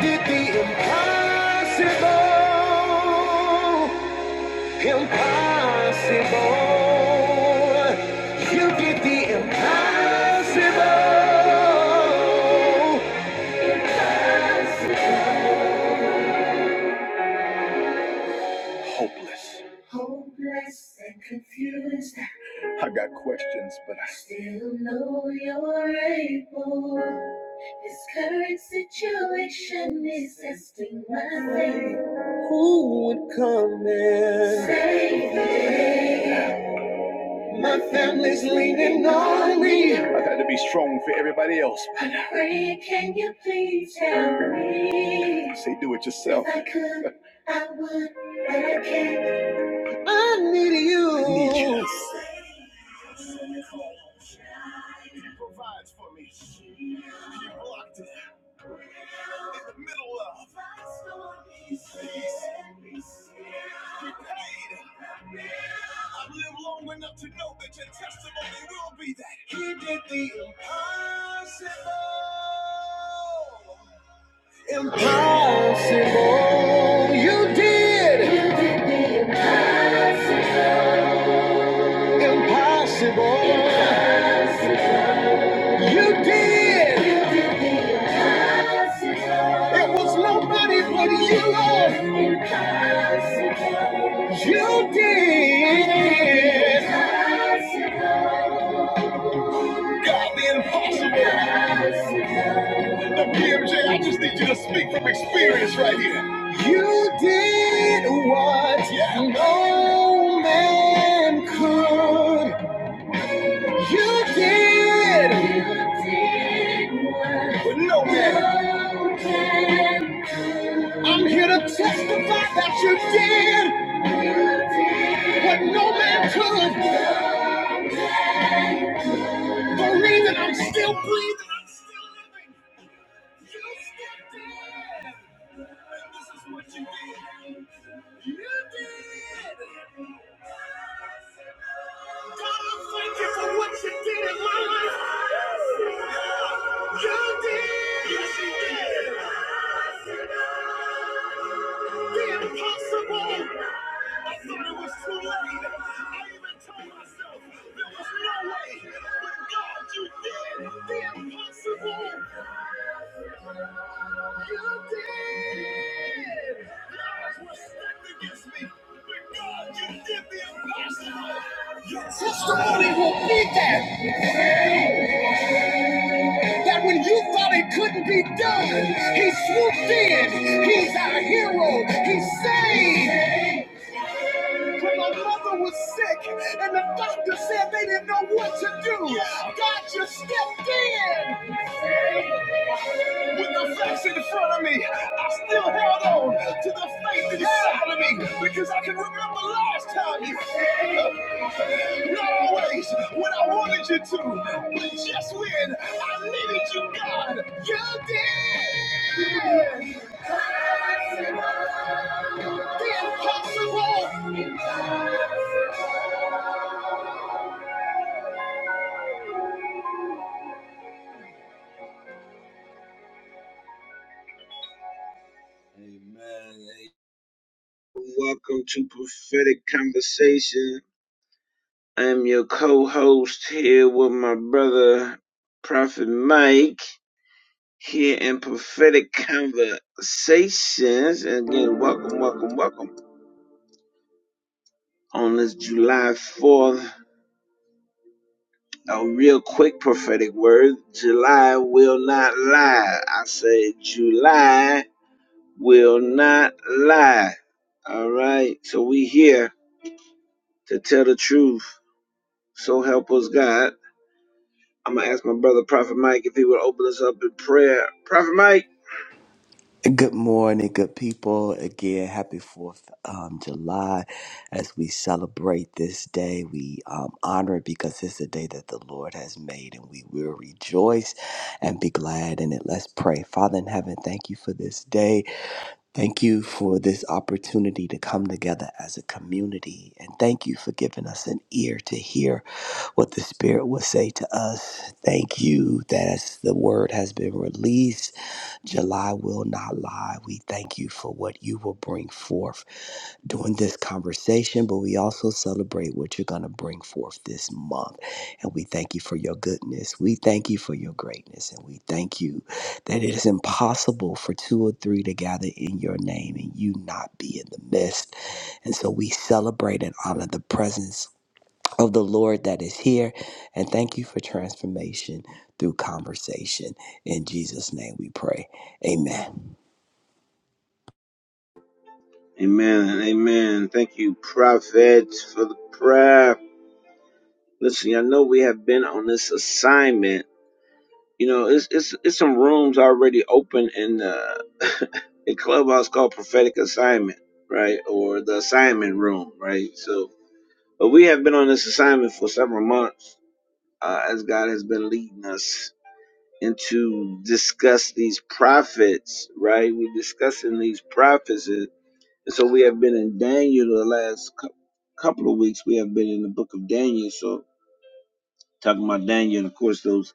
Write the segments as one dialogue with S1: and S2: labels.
S1: did the impossible. Impossible. You did the impossible. Hopeless. Still know you're able. This current situation is testing my faith. Who would come in? Save me. My family's leaning on me. Pray, can you please help me? I could, I would, but I can't. I need you. I Impossible. You did. You did the Impossible. Impossible. Impossible. You did. You did the impossible. It was nobody but you, Lord. Impossible. You did. Impossible. Impossible. You did what no man could. You did. You did what But no man. no man could. I'm here to testify that you did. You did What no man could. The reason I'm will be that. That when you thought it couldn't be done, he swooped in. He's our hero. He saved. When my mother was sick and the doctor said they didn't know what to do. The impossible. Amen. Welcome to Prophetic Conversation. I am your co-host here with my brother Prophet Mike here in Prophetic Conversations. And again, welcome, welcome, welcome on this July 4th. A real quick prophetic word July will not lie. I say, July will not lie. All right. So we here to tell the truth. So help us God. I'm going to ask my brother, Prophet Mike, if he would open us up in prayer. Prophet Mike.
S2: Good morning, good people. Again, happy 4th um, July. As we celebrate this day, we um, honor it because it's a day that the Lord has made and we will rejoice and be glad in it. Let's pray. Father in heaven, thank you for this day. Thank you for this opportunity to come together as a community. And thank you for giving us an ear to hear what the Spirit will say to us. Thank you that as the word has been released, July will not lie. We thank you for what you will bring forth during this conversation, but we also celebrate what you're going to bring forth this month. And we thank you for your goodness. We thank you for your greatness. And we thank you that it is impossible for two or three to gather in your name and you not be in the midst. And so we celebrate and honor the presence of the Lord that is here. And thank you for transformation through conversation. In Jesus' name we pray. Amen.
S1: Amen. Amen. Thank you, Prophet, for the prayer. Listen, I know we have been on this assignment You know, it's it's it's some rooms already open in uh, in Clubhouse called Prophetic Assignment, right? Or the Assignment Room, right? So, but we have been on this assignment for several months uh, as God has been leading us into discuss these prophets, right? We're discussing these prophets, and and so we have been in Daniel the last cou- couple of weeks. We have been in the book of Daniel, so talking about Daniel, and of course those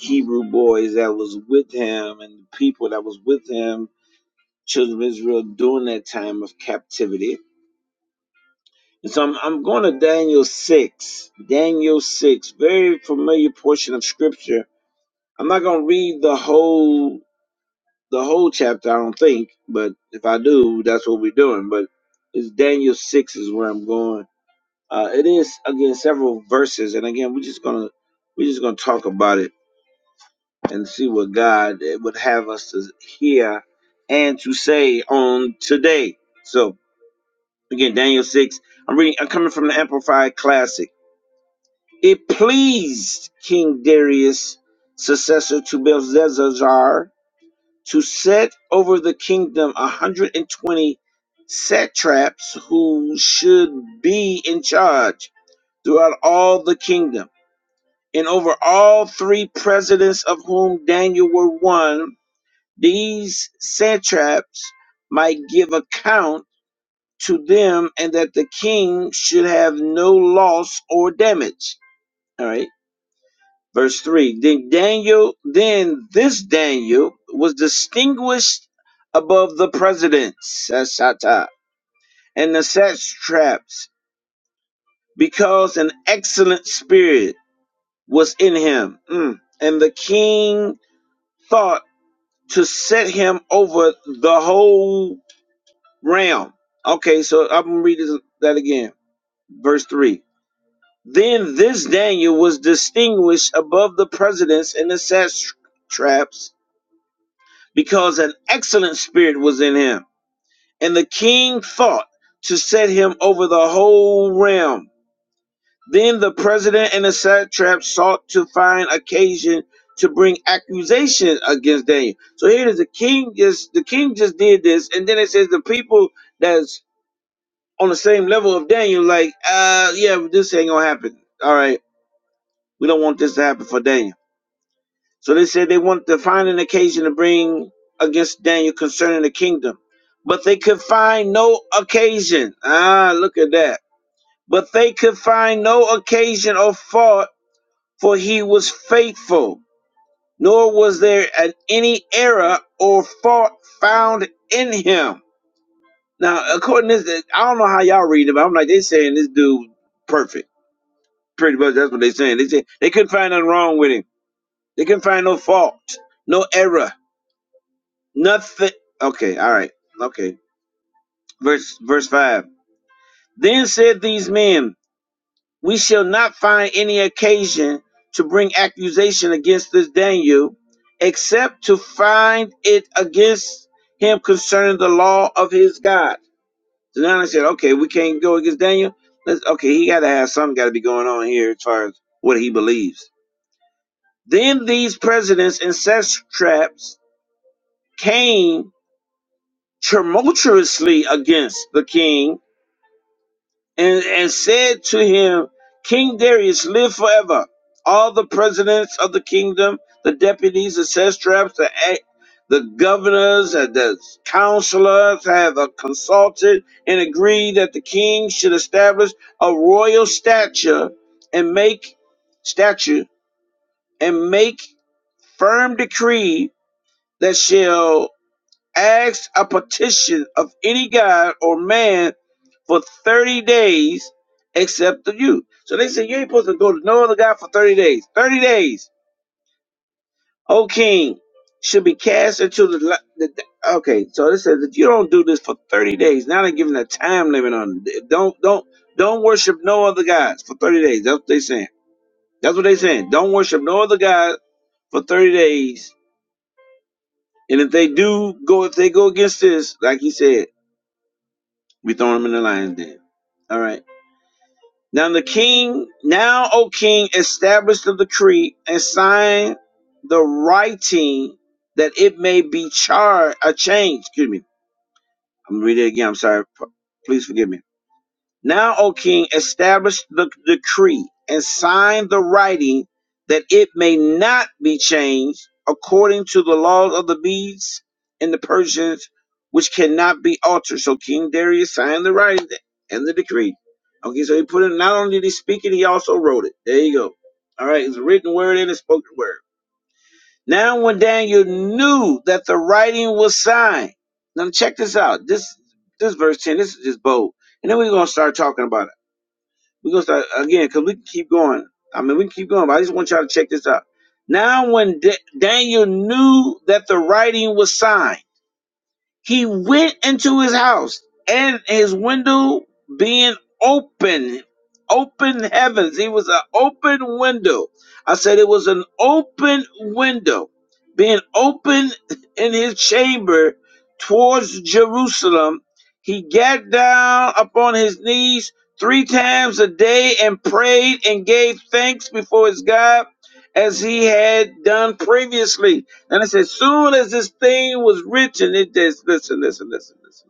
S1: Hebrew boys that was with him and the people that was with him, children of Israel, during that time of captivity. And so I'm, I'm going to Daniel 6. Daniel 6, very familiar portion of scripture. I'm not going to read the whole the whole chapter, I don't think, but if I do, that's what we're doing. But it's Daniel 6 is where I'm going. Uh, it is again several verses, and again we're just gonna we're just gonna talk about it and see what God would have us to hear and to say on today. So again, Daniel six. I'm reading. I'm coming from the Amplified Classic. It pleased King Darius, successor to Belshazzar, to set over the kingdom 120 satraps who should be in charge throughout all the kingdom, and over all three presidents of whom Daniel were one These satraps might give account to them, and that the king should have no loss or damage. All right. Verse 3 Then Daniel, then this Daniel was distinguished above the presidents, Sashata, and the satraps, because an excellent spirit was in him. Mm. And the king thought to set him over the whole realm. Okay, so I'm gonna read this- that again. Verse 3. Then this Daniel was distinguished above the presidents and the satraps because an excellent spirit was in him. And the king thought to set him over the whole realm. Then the president and the satrap sought to find occasion to bring accusation against Daniel. So here it is the king just the king just did this, and then it says the people that on the same level of Daniel, like, uh, yeah, this ain't gonna happen. All right, we don't want this to happen for Daniel. So they said they wanted to find an occasion to bring against Daniel concerning the kingdom, but they could find no occasion. Ah, look at that. But they could find no occasion or fault, for he was faithful, nor was there an, any error or fault found in him. Now, according to this, I don't know how y'all read it, but I'm like, they saying this dude perfect. Pretty much that's what they saying. They say they couldn't find nothing wrong with him. They couldn't find no fault, no error, nothing. Okay, all right, okay. Verse verse five. Then said these men, We shall not find any occasion to bring accusation against this Daniel, except to find it against him concerning the law of his God. So now they said, Okay, we can't go against Daniel. Let's okay, he gotta have something gotta be going on here as far as what he believes. Then these presidents and satraps came tumultuously against the king and, and said to him, King Darius, live forever. All the presidents of the kingdom, the deputies, the satraps, the, ac- the governors, and the counselors have uh, consulted and agreed that the king should establish a royal stature and make statue and make firm decree that shall ask a petition of any god or man for 30 days except the you. So they said, You ain't supposed to go to no other god for 30 days. 30 days, O king, should be cast into the. li- the the- okay, so they said, If you don't do this for 30 days, now they're giving a time limit on it. Don't, don't, don't worship no other gods for 30 days. That's what they saying. That's what they saying. Don't worship no other god for 30 days. And if they do go, if they go against this, like he said, We throwing him in the lion's den. All right. Now the king, now O king, establish the decree and sign the writing that it may be charged a change. Excuse me. I'm gonna read it again. I'm sorry. P- Please forgive me now, O king, establish the decree and sign the writing that it may not be changed according to the laws of the Medes and the Persians, which cannot be altered. So King Darius signed the writing and the decree. Okay, so he put it, not only did he speak it, he also wrote it. There you go. All right, it's a written word and a spoken word. Now, when Daniel knew that the writing was signed, now check this out. This this verse 10, this is just bold. And then we're going to start talking about it. We're gonna start again because we can keep going. I mean, we can keep going, but I just want y'all to check this out. Now, when Da- Daniel knew that the writing was signed. He went into his house and his window being open, open heavens. He was an open window. I said it was an open window being open in his chamber towards Jerusalem. He got down upon his knees three times a day and prayed and gave thanks before his God as he had done previously. And I said, soon as this thing was rich, and it just listen, listen, listen, listen.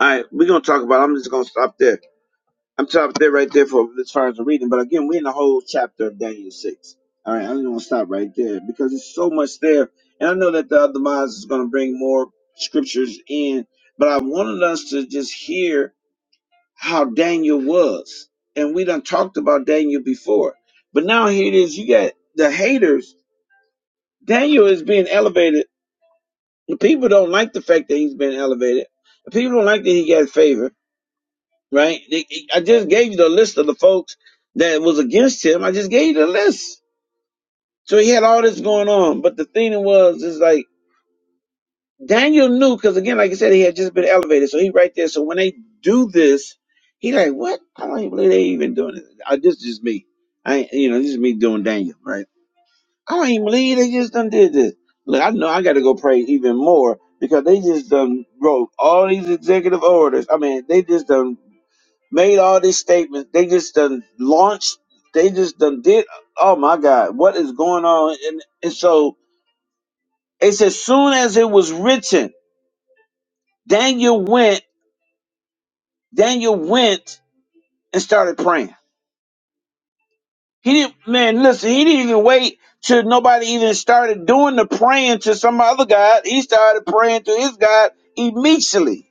S1: All right, we're gonna talk about. I'm just gonna stop there. I'm stopped there right there for as far as the reading. But again, we're in the whole chapter of Daniel six. All right, I'm gonna stop right there because there's so much there, and I know that the other minds is gonna bring more scriptures in. But I wanted us to just hear how Daniel was, and we done talked about Daniel before. But now here it is. You got the haters. Daniel is being elevated The people don't like the fact that he's been elevated. The people don't like that he got favor, right? They- I just gave you the list of the folks that was against him. I just gave you the list. So he had all this going on. But the thing was, is like Daniel knew, because again, like I said, he had just been elevated. So he right there. So when they do this, he like, what? I don't even believe they even doing it. I, this is just me. I, ain't- you know, this is me doing Daniel, right? I don't even believe they just done did this. Look, I know I got to go pray even more because they just done wrote all these executive orders. I mean, they just done made all these statements. They just done launched. They just done did. Oh my God, what is going on? And, and so it's as soon as it was written, Daniel went. Daniel went and started praying. He didn't, man, listen, he didn't even wait till nobody even started doing the praying to some other God. He started praying to his God immediately.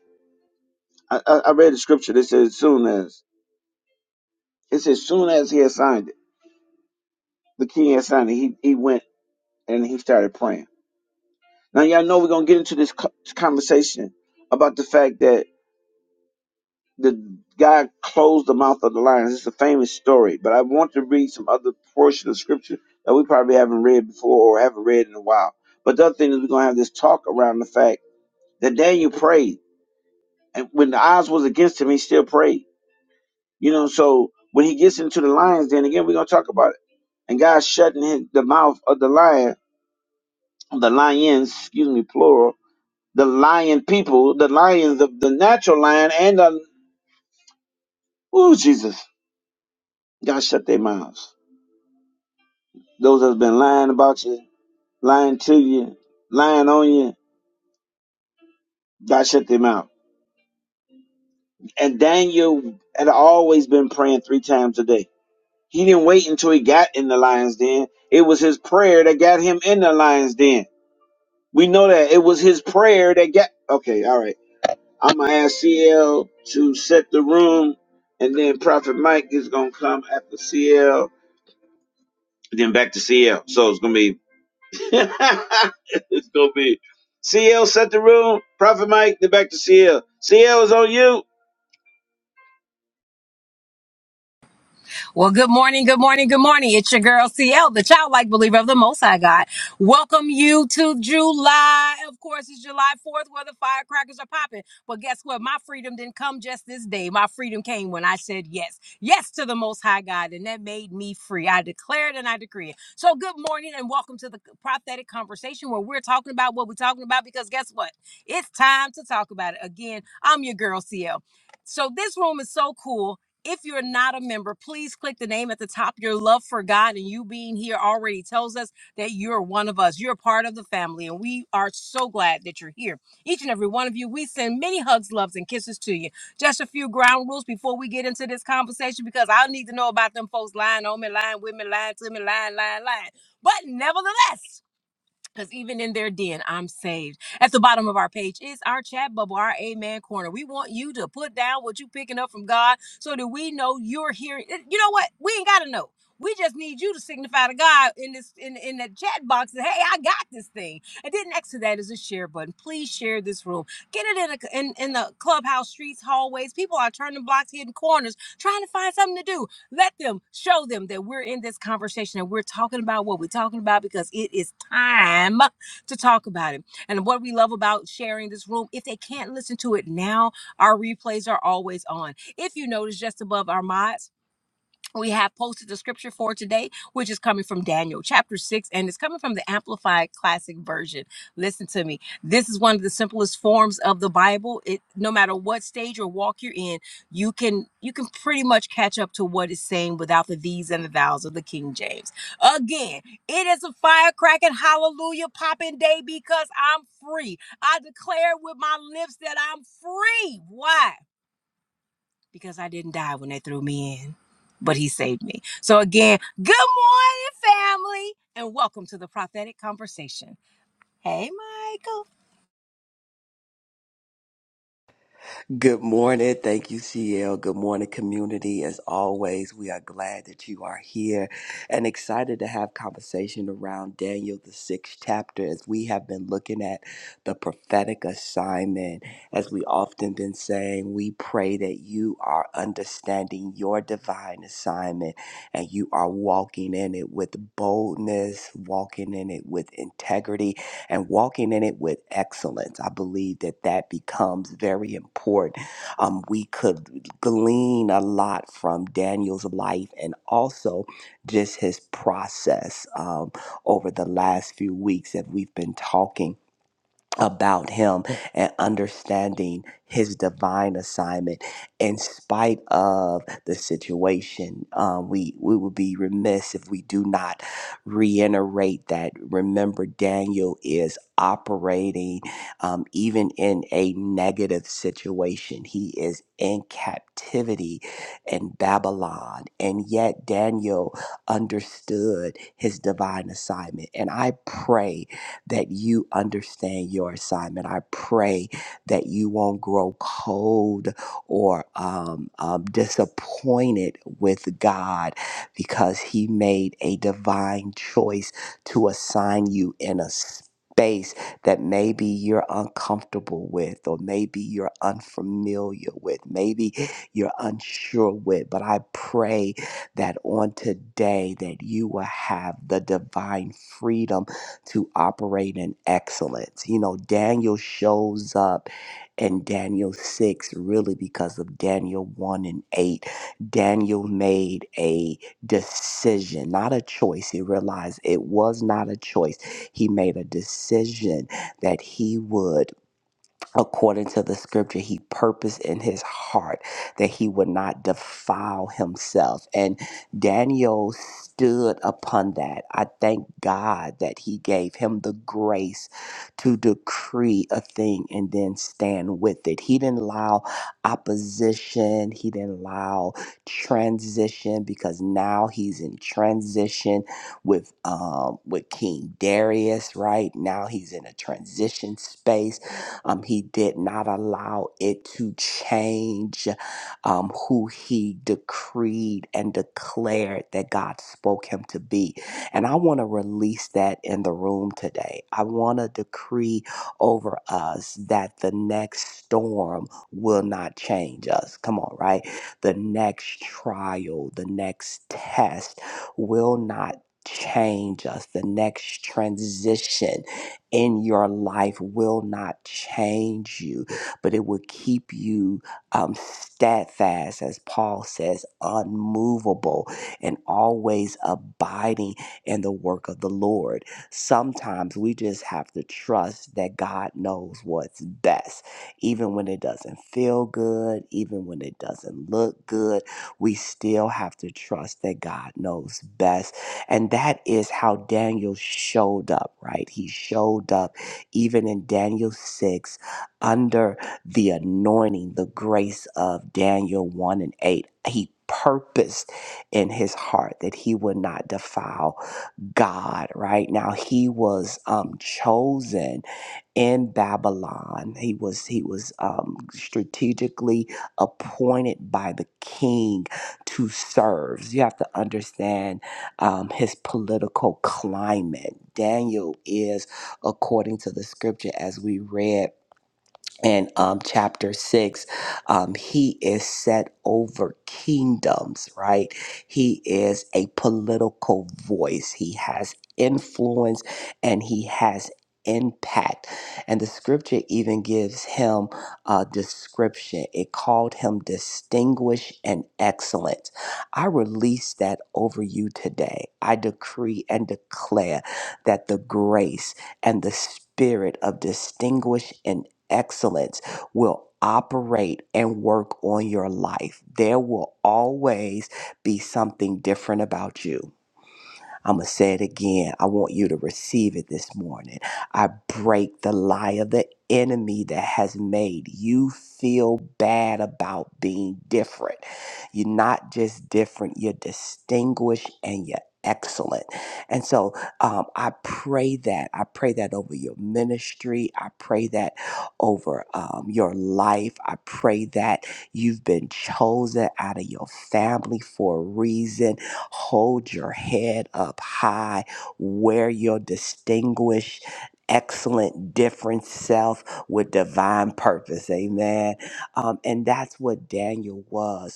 S1: I, I, I read the scripture that says, soon as, it says, soon as he had signed it, the king had signed it, he, he went and he started praying. Now, y'all know we're going to get into this co- conversation about the fact that the guy closed the mouth of the lions. It's a famous story, but I want to read some other portion of scripture that we probably haven't read before or haven't read in a while. But the other thing is we're gonna have this talk around the fact that Daniel prayed, and when the odds was against him, he still prayed. You know, so when he gets into the lions, then again we're gonna talk about it. And God shutting his, the mouth of the lion, the lions, excuse me, plural, the lion people, the lions, the, the natural lion, and the ooh Jesus, God shut their mouths Those that's been lying about you, lying to you, lying on you, God shut them out. And Daniel had always been praying three times a day. He didn't wait until he got in the lion's den. It was his prayer that got him in the lion's den. We know that it was his prayer that got. Okay, all right. I'm gonna ask CL to set the room, and then Prophet Mike is gonna come after CL, then back to CL. So it's gonna be it's gonna be CL set the room. Prophet Mike, then back to CL. CL is on you.
S3: Well, good morning, good morning, good morning. It's your girl CL, the childlike believer of the Most High God. Welcome you to July. Of course, it's July 4th where the firecrackers are popping. But guess what? My freedom didn't come just this day. My freedom came when I said yes. Yes to the Most High God, and that made me free. I declared and I decree it. So, good morning and welcome to the prophetic conversation where we're talking about what we're talking about because guess what? It's time to talk about it. Again, I'm your girl CL. So, this room is so cool if you're not a member, please click the name at the top. Your love for God and you being here already tells us that you're one of us. You're part of the family, and we are so glad that you're here. Each and every one of you, we send many hugs, loves, and kisses to you. Just a few ground rules before we get into this conversation because I need to know about them folks lying on me, lying with me, lying to me, lying, lying, lying. But nevertheless, because even in their den, I'm saved. At the bottom of our page is our chat bubble, our Amen Corner. We want you to put down what you're picking up from God so that we know you're hearing. Eh, You know what? We ain't got to know. We just need you to signify to God in this in, in the chat box that hey, I got this thing. And then next to that is a share button. Please share this room. Get it in a, in, in the clubhouse streets, hallways. People are turning blocks, hidden corners, trying to find something to do. Let them show them that we're in this conversation and we're talking about what we're talking about because it is time to talk about it. And what we love about sharing this room, if they can't listen to it now, our replays are always on. If you notice just above our mods, we have posted the scripture for today, which is coming from Daniel chapter 6, and it's coming from the Amplified Classic Version. Listen to me. This is one of the simplest forms of the Bible. It no matter what stage or walk you're in, you can you can pretty much catch up to what it's saying without the these and the thous of the King James. Again, it is a firecracking hallelujah popping day because I'm free. I declare with my lips that I'm free. Why? because I didn't die when they threw me in, but he saved me. So again, good morning, family, and welcome to the prophetic conversation. Hey, Michael.
S2: Good morning. Thank you, CL. Good morning, community. As always, we are glad that you are here and excited to have conversation around Daniel, the sixth chapter, as we have been looking at the prophetic assignment. As we often been saying, we pray that you are understanding your divine assignment and you are walking in it with boldness, walking in it with integrity, and walking in it with excellence. I believe that that becomes very important. Um, we could glean a lot from Daniel's life and also just his process um, over the last few weeks that we've been talking about him and understanding his divine assignment in spite of the situation um, we we would be remiss if we do not reiterate that remember daniel is operating um, even in a negative situation he is in captivity in babylon and yet daniel understood his divine assignment and i pray that you understand your assignment. I pray that you won't grow cold or um, um, disappointed with God because He made a divine choice to assign you in a space that maybe you're uncomfortable with, or maybe you're unfamiliar with, maybe you're unsure with. But I pray that on today that you will have the divine freedom to operate in excellence. You know, Daniel shows up in Daniel 6 really because of Daniel 1 and 8. Daniel made a decision, not a choice. He realized it was not a choice. He made a decision that he would according to the scripture he purposed in his heart that he would not defile himself and daniel stood upon that i thank god that he gave him the grace to decree a thing and then stand with it he didn't allow opposition he didn't allow transition because now he's in transition with um with king darius right now he's in a transition space um, he did not allow it to change um, who he decreed and declared that God spoke him to be. And I want to release that in the room today. I want to decree over us that the next storm will not change us. Come on, right? The next trial, the next test will not change us. The next transition in your life will not change you, but it will keep you um, steadfast, as Paul says, unmovable and always abiding in the work of the Lord. Sometimes we just have to trust that God knows what's best, even when it doesn't feel good, even when it doesn't look good. We still have to trust that God knows best and that is how Daniel showed up, right? He showed up even in Daniel 6 under the anointing, the grace of Daniel 1 and 8. He purposed in his heart that he would not defile God, right? Now he was um, chosen in Babylon. He was he was um, strategically appointed by the king to serve. You have to understand um, his political climate. Daniel is, according to the scripture as we read, in um, chapter six, um, he is set over kingdoms, right? He is a political voice. He has influence and he has impact. And the scripture even gives him a description. It called him distinguished and excellent. I release that over you today. I decree and declare that the grace and the spirit of distinguished and excellence will operate and work on your life. There will always be something different about you. I'm going to say it again. I want you to receive it this morning. I break the lie of the enemy that has made you feel bad about being different. You're not just different, you're distinguished and you're excellent. And so um, I pray that. I pray that over your ministry. I pray that over um, your life. I pray that you've been chosen out of your family for a reason Hold your head up high. Wear your distinguished, excellent, different self with divine purpose. Amen. Um, and that's what Daniel was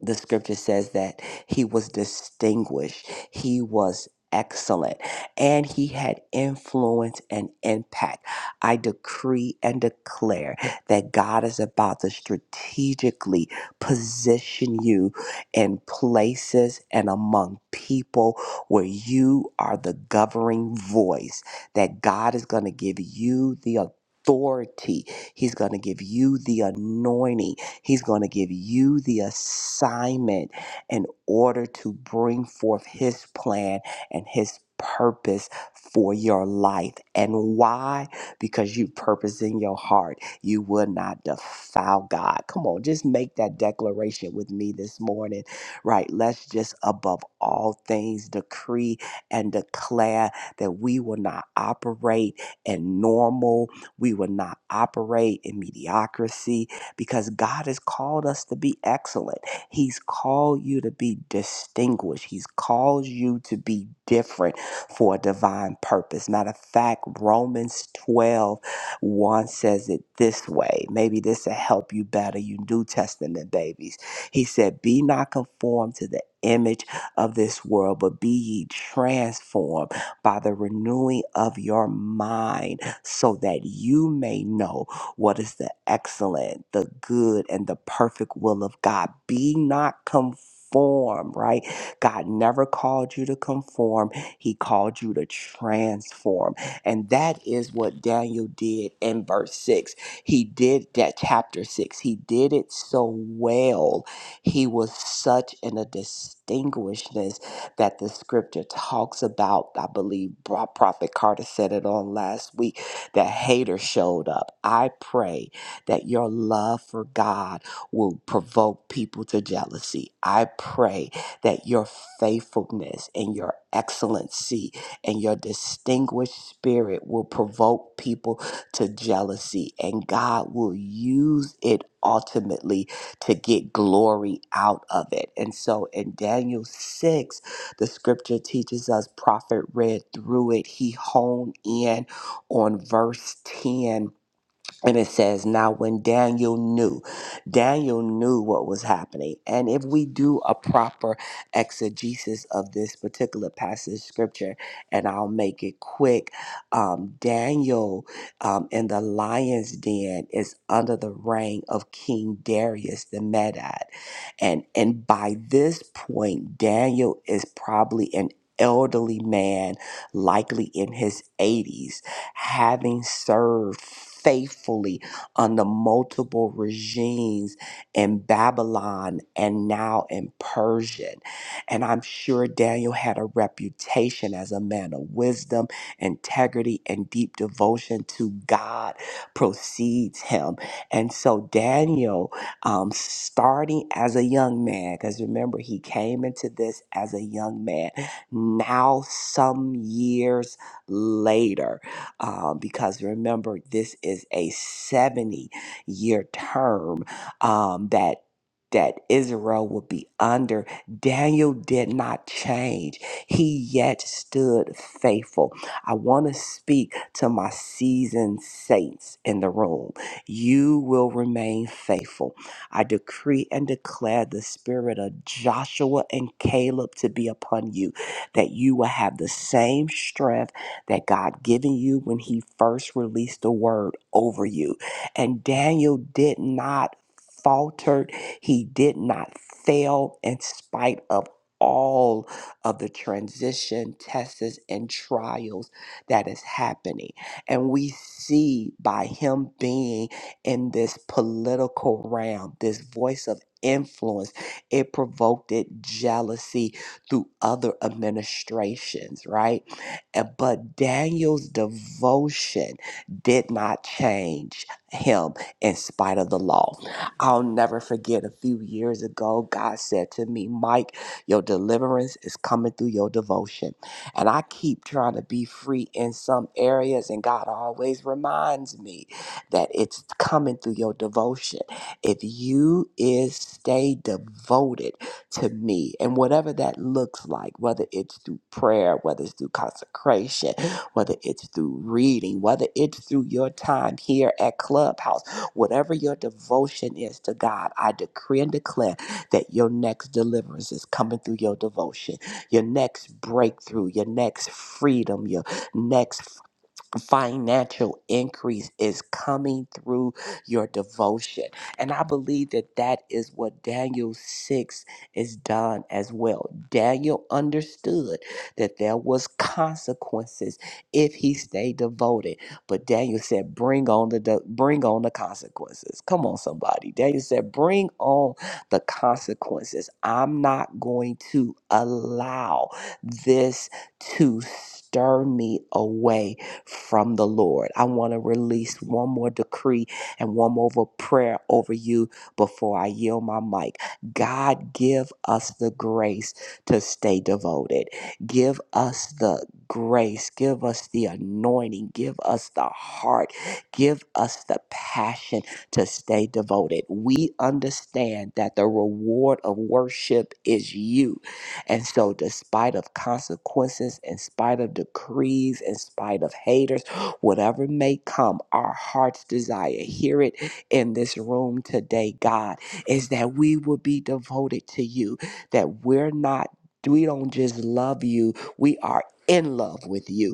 S2: the scripture says that he was distinguished, he was excellent, and he had influence and impact. I decree and declare that God is about to strategically position you in places and among people where you are the governing voice, that God is going to give you the authority. He's going to give you the anointing He's going to give you the assignment in order to bring forth His plan and His purpose for your life. And why? Because you purpose in your heart. You will not defile God. Come on, just make that declaration with me this morning, right? Let's just, above all things, decree and declare that we will not operate in normal. We will not operate in mediocrity because God has called us to be excellent. He's called you to be distinguished. He's called you to be different for a divine purpose. Matter of fact, Romans twelve one says it this way. Maybe this will help you better, you New Testament babies. He said, Be not conformed to the image of this world, but be ye transformed by the renewing of your mind, so that you may know what is the excellent, the good, and the perfect will of God. Be not conformed, right? God never called you to conform, He called you to transform. And that is what Daniel did in verse 6. He did that, chapter 6. He did it so well. He was such in a distinguishedness that the scripture talks about. I believe Pro- Prophet Carter said it on last week that hater showed up. I pray that your love for God will provoke people to jealousy. I pray that your faithfulness and your excellency and your distinguished spirit will provoke people to jealousy, and God will use it ultimately to get glory out of it. And so in Daniel 6, the scripture teaches us, prophet read through it, he honed in on verse 10 and it says now when daniel knew daniel knew what was happening and if we do a proper exegesis of this particular passage of scripture and i'll make it quick um, daniel um, in the lion's den is under the reign of king darius the medad and and by this point daniel is probably an elderly man likely in his 80s having served faithfully under multiple regimes in Babylon and now in Persia. And I'm sure Daniel had a reputation as a man of wisdom, integrity, and deep devotion to God precedes him. And so Daniel, um, starting as a young man, because remember, he came into this as a young man. Now, some years later, uh, because remember, this is a 70 year term um, that. That Israel would be under. Daniel did not change. He yet stood faithful. I want to speak to my seasoned saints in the room. You will remain faithful. I decree and declare the spirit of Joshua and Caleb to be upon you, that you will have the same strength that God given you when he first released the word over you. And Daniel did not falter. He did not fail in spite of all of the transition tests and trials that is happening and we see by him being in this political realm this voice of influence it provoked it jealousy through other administrations right uh, But Daniel's devotion did not change him in spite of the law. I'll never forget a few years ago, God said to me, Mike, your deliverance is coming through your devotion. And I keep trying to be free in some areas, and God always reminds me that it's coming through your devotion. If you is stay devoted, to me. And whatever that looks like, whether it's through prayer, whether it's through consecration, whether it's through reading, whether it's through your time here at Clubhouse, whatever your devotion is to God, I decree and declare that your next deliverance is coming through your devotion, your next breakthrough, your next freedom, your next financial increase is coming through your devotion. And I believe that that is what Daniel 6 is done as well. Daniel understood that there was consequences if he stayed devoted, but Daniel said bring on the de- bring on the consequences. Come on somebody. Daniel said bring on the consequences. I'm not going to allow this to stir me away from the Lord. I want to release one more decree and one more prayer over you before I yield my mic. God, give us the grace to stay devoted. Give us the grace. Give us the anointing. Give us the heart. Give us the passion to stay devoted. We understand that the reward of worship is you. And so, despite of consequences, in spite of decrees, in spite of haters, whatever may come, our heart's desire, hear it in this room today, God, is that we will be devoted to you, that we're not, we don't just love you, we are in love with you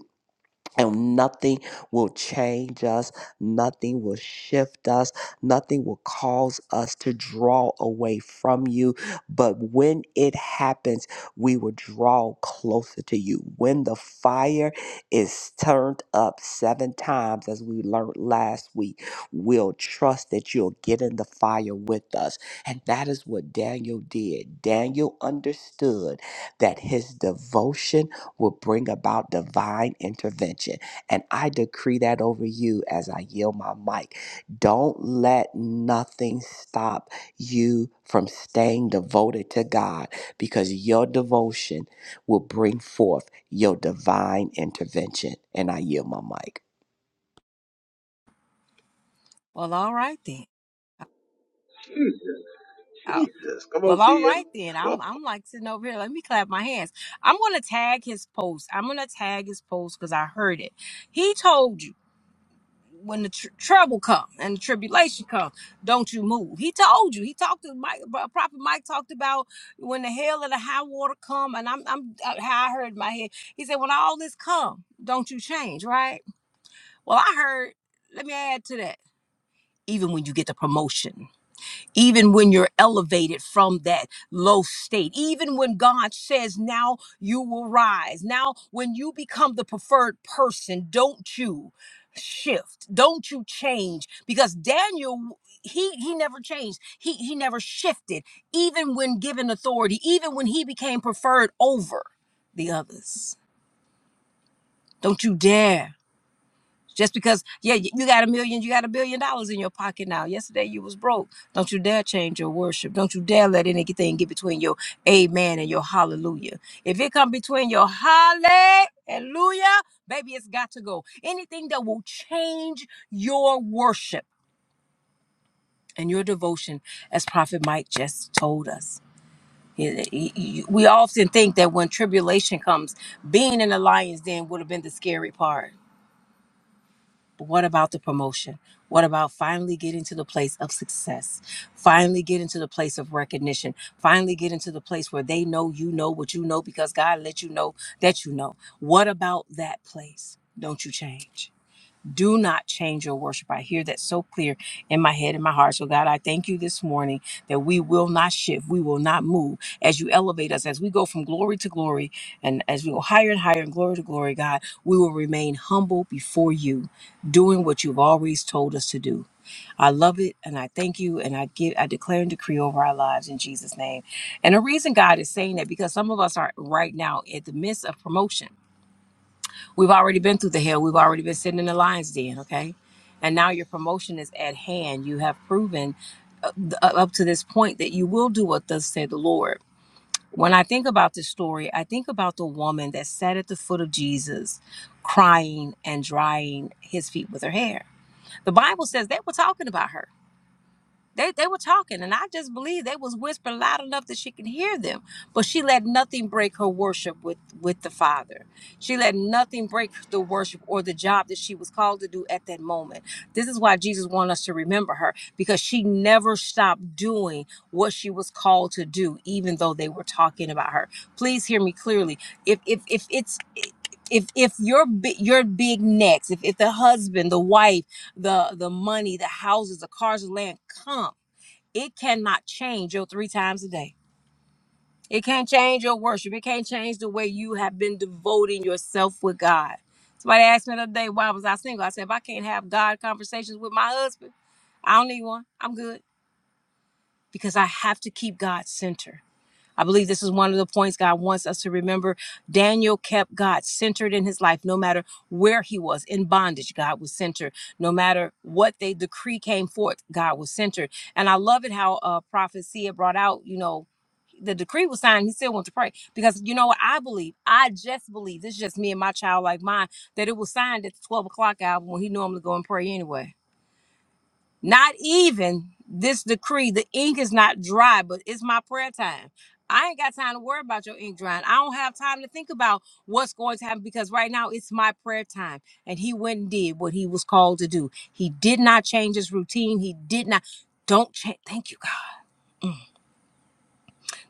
S2: and nothing will change us, nothing will shift us, nothing will cause us to draw away from you. But when it happens, we will draw closer to you. When the fire is turned up seven times, as we learned last week, we'll trust that you'll get in the fire with us. And that is what Daniel did. Daniel understood that his devotion will bring about divine intervention. And I decree that over you as I yield my mic. Don't let nothing stop you from staying devoted to God because your devotion will bring forth your divine intervention. And I yield my mic.
S3: Well, all right then. Oh,
S1: Jesus, come on,
S3: well, all
S1: CL.
S3: right then.
S1: Come on.
S3: I'm I'm like sitting over here. Let me clap my hands. I'm gonna tag his post. I'm gonna tag his post because I heard it. He told you. when the tr- trouble come and the tribulation come, don't you move. He told you. He talked to Mike. Pro- Prophet Mike talked about when the hell and the high water come, and I'm I'm uh, how I heard in my head. He said, when all this come, don't you change, right? Well, I heard. Let me add to that. Even when you get the promotion even when you're elevated from that low state, even when God says, Now you will rise. Now, when you become the preferred person, don't you shift don't you change because daniel he he never changed he he never shifted even when given authority even when he became preferred over the others don't you dare just because, yeah, y- you got a million, you got a billion dollars in your pocket now. Yesterday you was broke. Don't you dare change your worship. Don't you dare let anything get between your amen and your hallelujah. If it come between your hallelujah, baby, it's got to go. Anything that will change your worship and your devotion, as Prophet Mike just told us. He- he- he- We often think that when tribulation comes, being in the lion's den would have been the scary part But what about the promotion? What about finally getting to the place of success? Finally getting to the place of recognition? Finally getting to the place where they know you know what you know because God let you know that you know. What about that place? Don't you change? do not change your worship. I hear that so clear in my head and my heart. So, God, I thank you this morning that we will not shift. We will not move as you elevate us, as we go from glory to glory, and as we go higher and higher and glory to glory, God, we will remain humble before you, doing what you've always told us to do. I love it and I thank you and I give I declare and decree over our lives in Jesus' name. And the reason God is saying that because some of us are right now at the midst of promotion. We've already been through the hell. We've already been sitting in the lion's den, okay? And now your promotion is at hand. You have proven th- uh, up to this point that you will do what thus said the Lord. When I think about this story, I think about the woman that sat at the foot of Jesus, crying and drying his feet with her hair. The Bible says they were talking about her. They, they were talking, and I just believe they was whispering loud enough that she could hear them. But she let nothing break her worship with with the Father. She let nothing break the worship or the job that she was called to do at that moment. This is why Jesus wanted us to remember her because she never stopped doing what she was called to do, even though they were talking about her. Please hear me clearly. If if if it's if if your bi- your big necks, if if the husband, the wife the the money, the houses, the cars, the land come. It cannot change your three times a day. It can't change your worship. It can't change the way you have been devoting yourself with God. Somebody asked me the other day why was I single. I said if I can't have God conversations with my husband, I don't need one. I'm good because I have to keep God centered. I believe this is one of the points God wants us to remember. Daniel kept God centered in his life, no matter where he was in bondage. God was centered. No matter what they decree came forth, God was centered. And I love it how uh, Prophet Sia brought out, you know, the decree was signed. He still went to pray because you know what I believe. I just believe this is just me and my child like mine that it was signed at the twelve o'clock hour when he normally go and pray anyway not even this decree. The ink is not dry, but it's my prayer time. I ain't got time to worry about your ink drying. I don't have time to think about what's going to happen because right now it's my prayer time. And he went and did what he was called to do. He did not change his routine. He did not. Don't change. Thank you, God.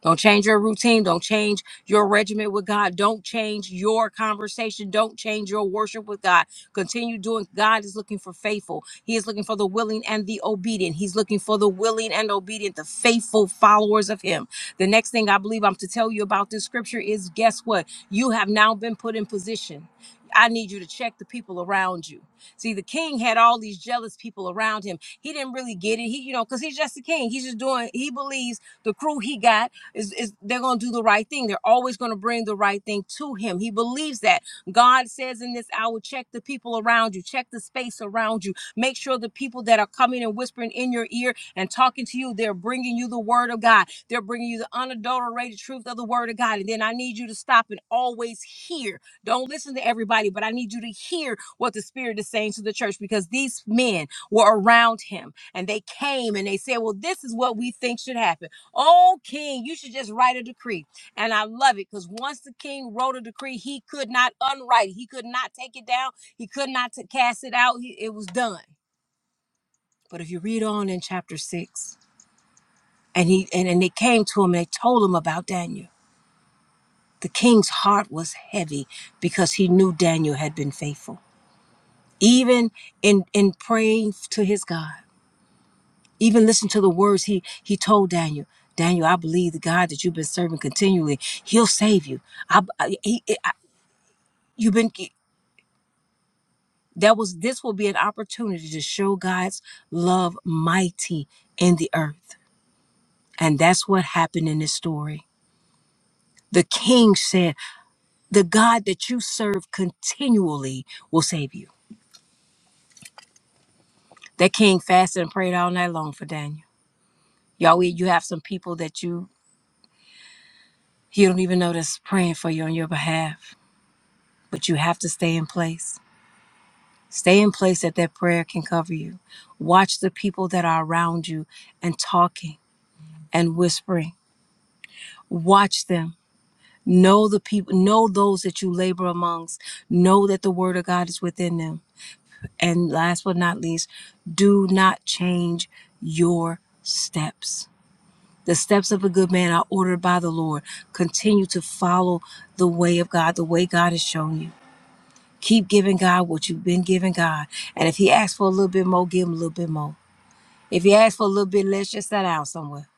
S3: Don't change your routine. Don't change your regimen with God. Don't change your conversation. Don't change your worship with God. Continue doing. God is looking for faithful. He is looking for the willing and the obedient. He's looking for the willing and obedient, the faithful followers of Him. The next thing I believe I'm to tell you about this scripture is guess what? You have now been put in position. I need you to check the people around you. See, the king had all these jealous people around him. He didn't really get it. He, you know, because he's just the king. He's just doing, he believes the crew he got is, is they're going to do the right thing. They're always going to bring the right thing to him. He believes that. God says in this hour, check the people around you, check the space around you. Make sure the people that are coming and whispering in your ear and talking to you, they're bringing you the word of God. They're bringing you the unadulterated truth of the word of God. And then I need you to stop and always hear. Don't listen to everybody, but I need you to hear what the Spirit is saying to the church because these men were around him and they came and they said, Well, this is what we think should happen. Oh, King, you should just write a decree. And I love it because once the king wrote a decree, he could not unwrite it. He could not take it down. He could not t- cast it out. He, it was done. But if you read on in chapter six, and he and, and they came to him and they told him about Daniel. The king's heart was heavy because he knew Daniel had been faithful, even in in praying to his God. Even listen to the words he he told Daniel. Daniel, I believe the God that you've been serving continually, he'll save you. I, I- he, I- you've been that was this will be an opportunity to show God's love mighty in the earth. And that's what happened in this story. The king said, "The God that you serve continually will save you." That king fasted and prayed all night long for Daniel. Yahweh, you have some people that you you don't even know that's praying for you on your behalf, but you have to stay in place. Stay in place that that prayer can cover you. Watch the people that are around you and talking and whispering. Watch them. Know the people, know those that you labor amongst. Know that the word of God is within them. And last but not least, do not change your steps. The steps of a good man are ordered by the Lord. Continue to follow the way of God, the way God has shown you. Keep giving God what you've been giving God. And if He asks for a little bit more, give Him a little bit more. If you ask for a little bit, let's just sit out somewhere.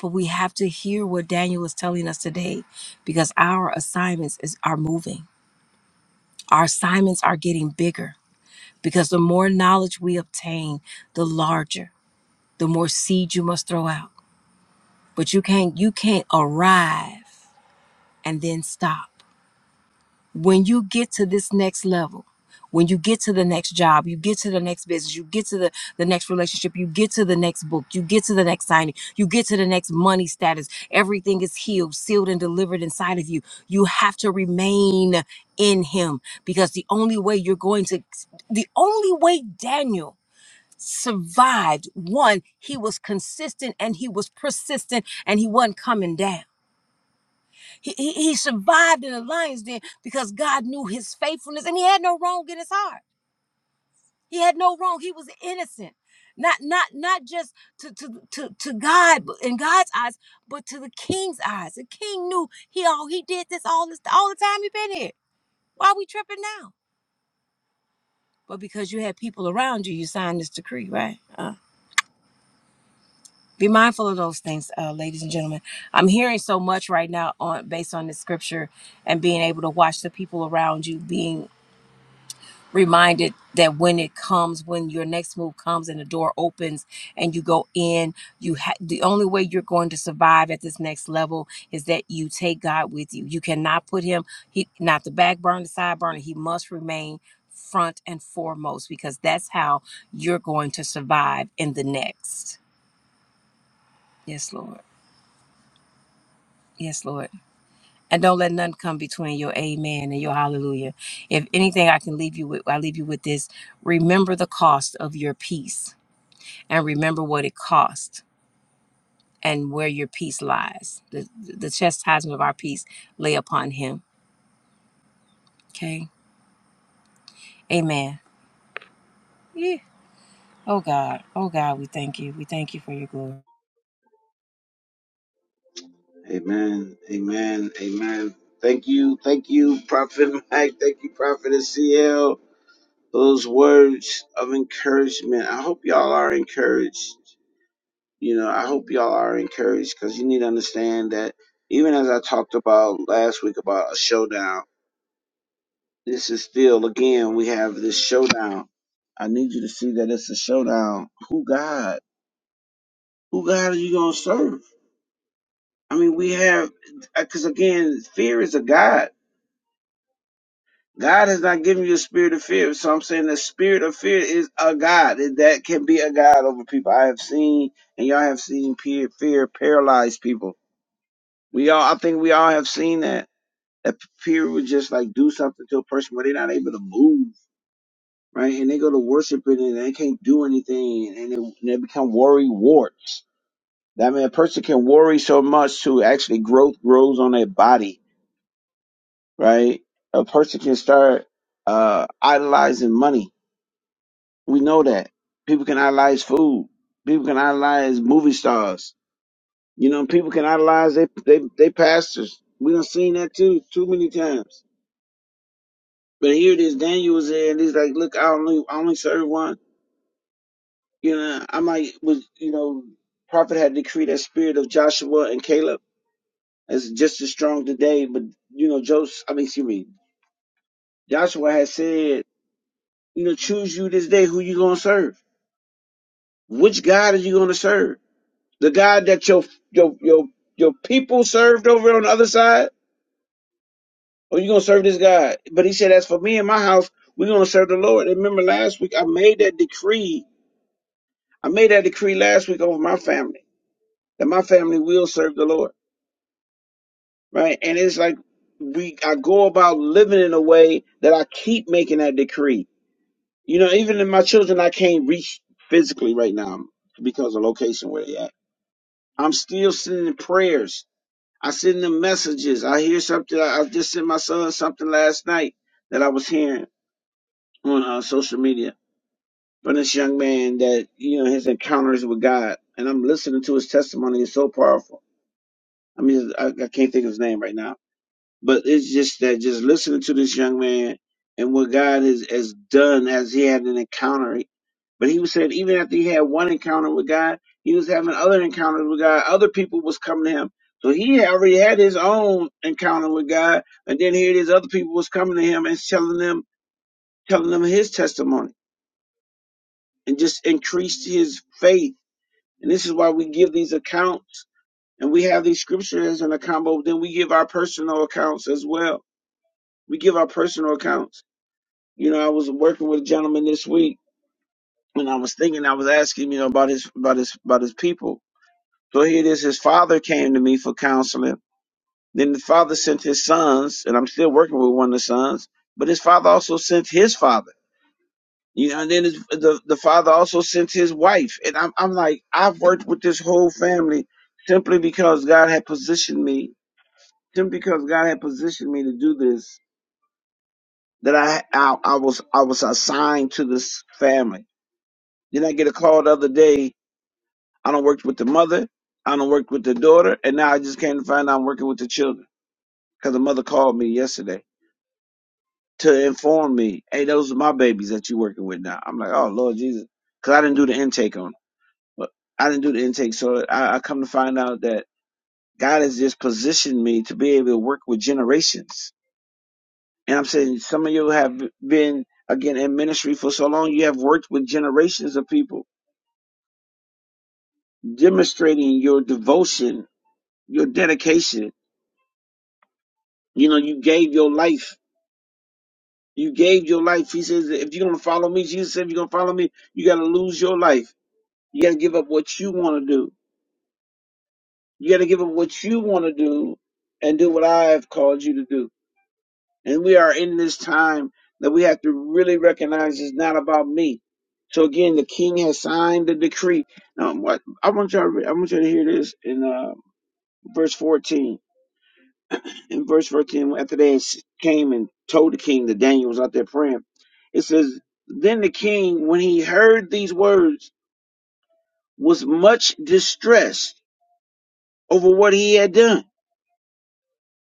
S3: But we have to hear what Daniel is telling us today because our assignments is, are moving. Our assignments are getting bigger because the more knowledge we obtain, the larger, the more seed you must throw out. But you can't you can't arrive and then stop. when you get to this next level when you get to the next job you get to the next business you get to the, the next relationship you get to the next book you get to the next signing you get to the next money status everything is healed sealed and delivered inside of you you have to remain in him because the only way you're going to the only way daniel survived one he was consistent and he was persistent and he wasn't coming down he, he, he survived in the lion's den because God knew his faithfulness and he had no wrong in his heart. He had no wrong. He was innocent. Not not not just to to to, to God but in God's eyes, but to the king's eyes. The king knew he all he did this all this all the time he been here. Why are we tripping now? But because you had people around you, you signed this decree, right? Uh, be mindful of those things, uh, ladies and gentlemen. I'm hearing so much right now on based on this scripture and being able to watch the people around you being reminded that when it comes when your next move comes and the door opens and you go in you ha- the only way you're going to survive at this next level is that you take god with you you cannot put him he not the back burner the side burner he must remain front and foremost because that's how you're going to survive in the next yes lord yes lord and don't let nothing come between your amen and your hallelujah if anything i can leave you with i leave you with this remember the cost of your peace and remember what it cost and where your peace lies. The, the chastisement of our peace lay upon him. Okay. Amen. Yeah. Oh God. Oh God, we thank you. We thank you for your glory.
S1: Amen. Amen. Amen. Thank you. Thank you, Prophet Mike. Thank you, Prophet CL. Those words of encouragement. I hope y'all are encouraged. You know, I hope y'all are encouraged because you need to understand that even as I talked about last week about a showdown This is still again we have this showdown. I need you to see that it's a showdown. Who God? Who God are you gonna serve? I mean, we have because again, fear is a God. God has not given you a spirit of fear. So I'm saying the spirit of fear is a God. and That can be a God over people. I have seen, and y'all have seen fear, fear paralyze people. We all, I think we all have seen that. That fear would just like do something to a person where they're not able to move right? And they go to worship it and they can't do anything and they, and they become worry warts. That mean, a person can worry so much to actually growth grows on their body, right? A person can start uh, idolizing money. We know that. People can idolize food. People can idolize movie stars. You know, people can idolize they they, they pastors. We done seen that too too many times. But here it is, Daniel was there and he's like, look, I only I only serve one. You know, I might was you know, prophet had decreed that spirit of Joshua and Caleb is just as strong today. But you know, Joseph, I mean, excuse me, Joshua had said, you know, choose you this day who you gonna serve. Which God are you gonna serve? The God that your your your your people served over on the other side, or you gonna serve this God? But he said, as for me and my house, we're gonna serve the Lord. And remember last week, I made that decree. I made that decree last week over my family that my family will serve the Lord. right? And it's like we I go about living in a way that I keep making that decree. You know, even in my children, I can't reach physically right now because of location where they at. I'm still sending prayers. I send them messages. I hear something. I I just sent my son something last night that I was hearing on uh, social media from this young man that you know his encounters with God, and I'm listening to his testimony. It's so powerful. I mean, I, I can't think of his name right now But it's just that just listening to this young man and what God has, has done as he had an encounter. But he was saying even after he had one encounter with God, he was having other encounters with God. Other people was coming to him. So he had already had his own encounter with God. And then here these other people was coming to him and telling them, telling them his testimony and just increased his faith. And this is why we give these accounts and we have these scriptures as an account, but then we give our personal accounts as well. We give our personal accounts You know, I was working with a gentleman this week, and I was thinking, I was asking, you know, about his about his about his people. So here it is. His father came to me for counseling. Then the father sent his sons, and I'm still working with one of the sons. But his father also sent his father. You know, and then his, the the father also sent his wife. And I'm I'm like, I've worked with this whole family simply because God had positioned me, simply because God had positioned me to do this. That I I, I was I was assigned to this family Then I get a call the other day. I don't work with the mother. I don't work with the daughter. And now I just came to find out I'm working with the children because the mother called me yesterday to inform me, hey, those are my babies that you working with now. I'm like, oh, Lord Jesus. Because I didn't do the intake on them. But I didn't do the intake. So I, I come to find out that God has just positioned me to be able to work with generations. And I'm saying some of you have been, again, in ministry for so long, you have worked with generations of people, demonstrating your devotion your dedication. You know, you gave your life. You gave your life. He says, if you're going to follow me, Jesus said, if you're going to follow me, you got to lose your life. You got to give up what you want to do. You got to give up what you want to do and do what I have called you to do. And we are in this time that we have to really recognize it's not about me. So again, the king has signed the decree. Now, what I want you to re- I want you to hear this in uh, verse 14. In verse 14, after they came and told the king that Daniel was out there praying, it says, Then the king, when he heard these words, was much distressed over what he had done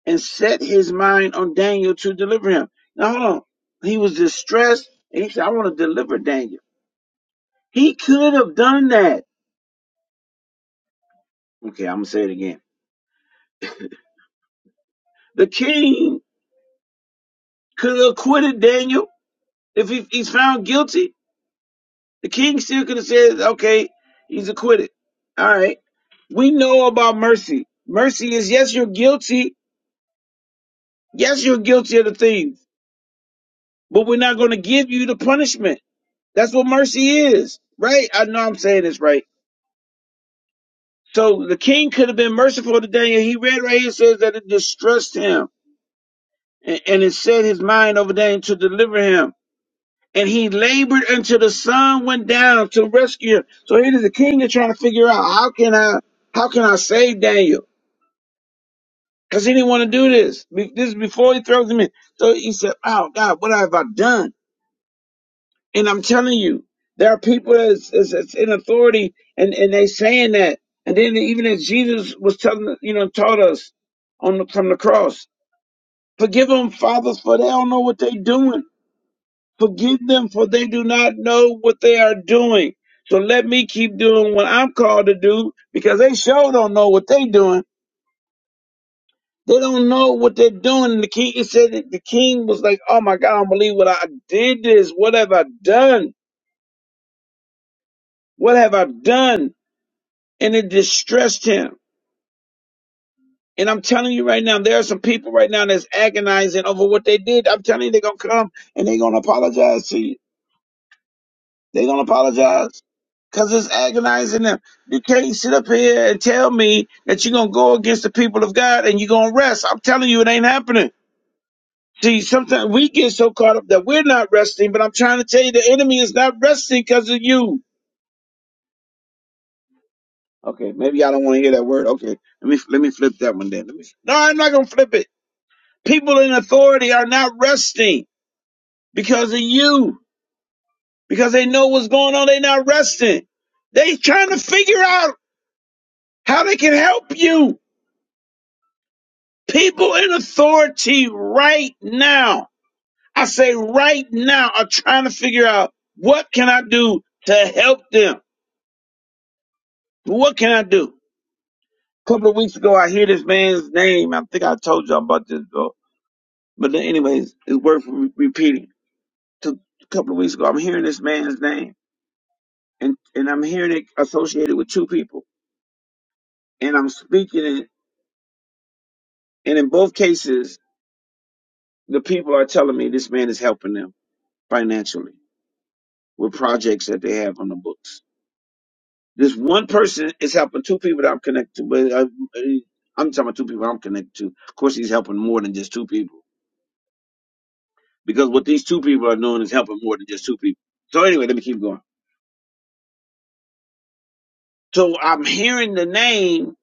S1: and set his mind on Daniel to deliver him. Now, hold on. He was distressed and he said, I want to deliver Daniel. He could have done that. Okay, I'm going to say it again. The king could have acquitted Daniel if he, he's found guilty. The king still could have said, okay, he's acquitted. All right. We know about mercy. Mercy is yes, you're guilty. Yes, you're guilty of the things, but we're not going to give you the punishment. That's what mercy is, right? I know I'm saying this right. So the king could have been merciful to Daniel. He read right here it says that it distressed him and, and it set his mind over Daniel to deliver him. And he labored until the sun went down to rescue him. So it is the king that's trying to figure out how can I, how can I save Daniel? Cause he didn't want to do this. Be- This is before he throws him in. So he said, "Oh God, what have I done?" And I'm telling you, there are people that's, that's, that's in authority, and and they saying that. And then even as Jesus was telling, you know, taught us on the, from the cross, forgive them, fathers, for they don't know what they're doing. Forgive them, for they do not know what they are doing. So let me keep doing what I'm called to do, because they sure don't know what they're doing They don't know what they're doing. The king he said that the king was like, Oh my God, I don't believe what I did this. What have I done? What have I done? And it distressed him. And I'm telling you right now, there are some people right now that's agonizing over what they did. I'm telling you, they're gonna come and they're gonna apologize to you. They're gonna apologize. Cause it's agonizing them. You can't sit up here and tell me that you're gonna go against the people of God and you're gonna rest. I'm telling you, it ain't happening. See, sometimes we get so caught up that we're not resting, but I'm trying to tell you the enemy is not resting because of you. Okay, maybe I don't want to hear that word. Okay, let me let me flip that one then. Let me, no, I'm not gonna flip it. People in authority are not resting because of you, because they know what's going on. They're not resting. They trying to figure out how they can help you. People in authority right now, I say right now, are trying to figure out what can I do to help them. But what can I do? A couple of weeks ago, I hear this man's name. I think I told y'all about this, though. But then anyways, it's worth re- repeating. To, a couple of weeks ago, I'm hearing this man's name, and and I'm hearing it associated with two people, and I'm speaking it, and in both cases, the people are telling me this man is helping them financially with projects that they have on the books. This one person is helping two people that I'm connected to, but I, I'm talking about two people I'm connected to. Of course, he's helping more than just two people because what these two people are doing is helping more than just two people. So anyway, let me keep going. So I'm hearing the name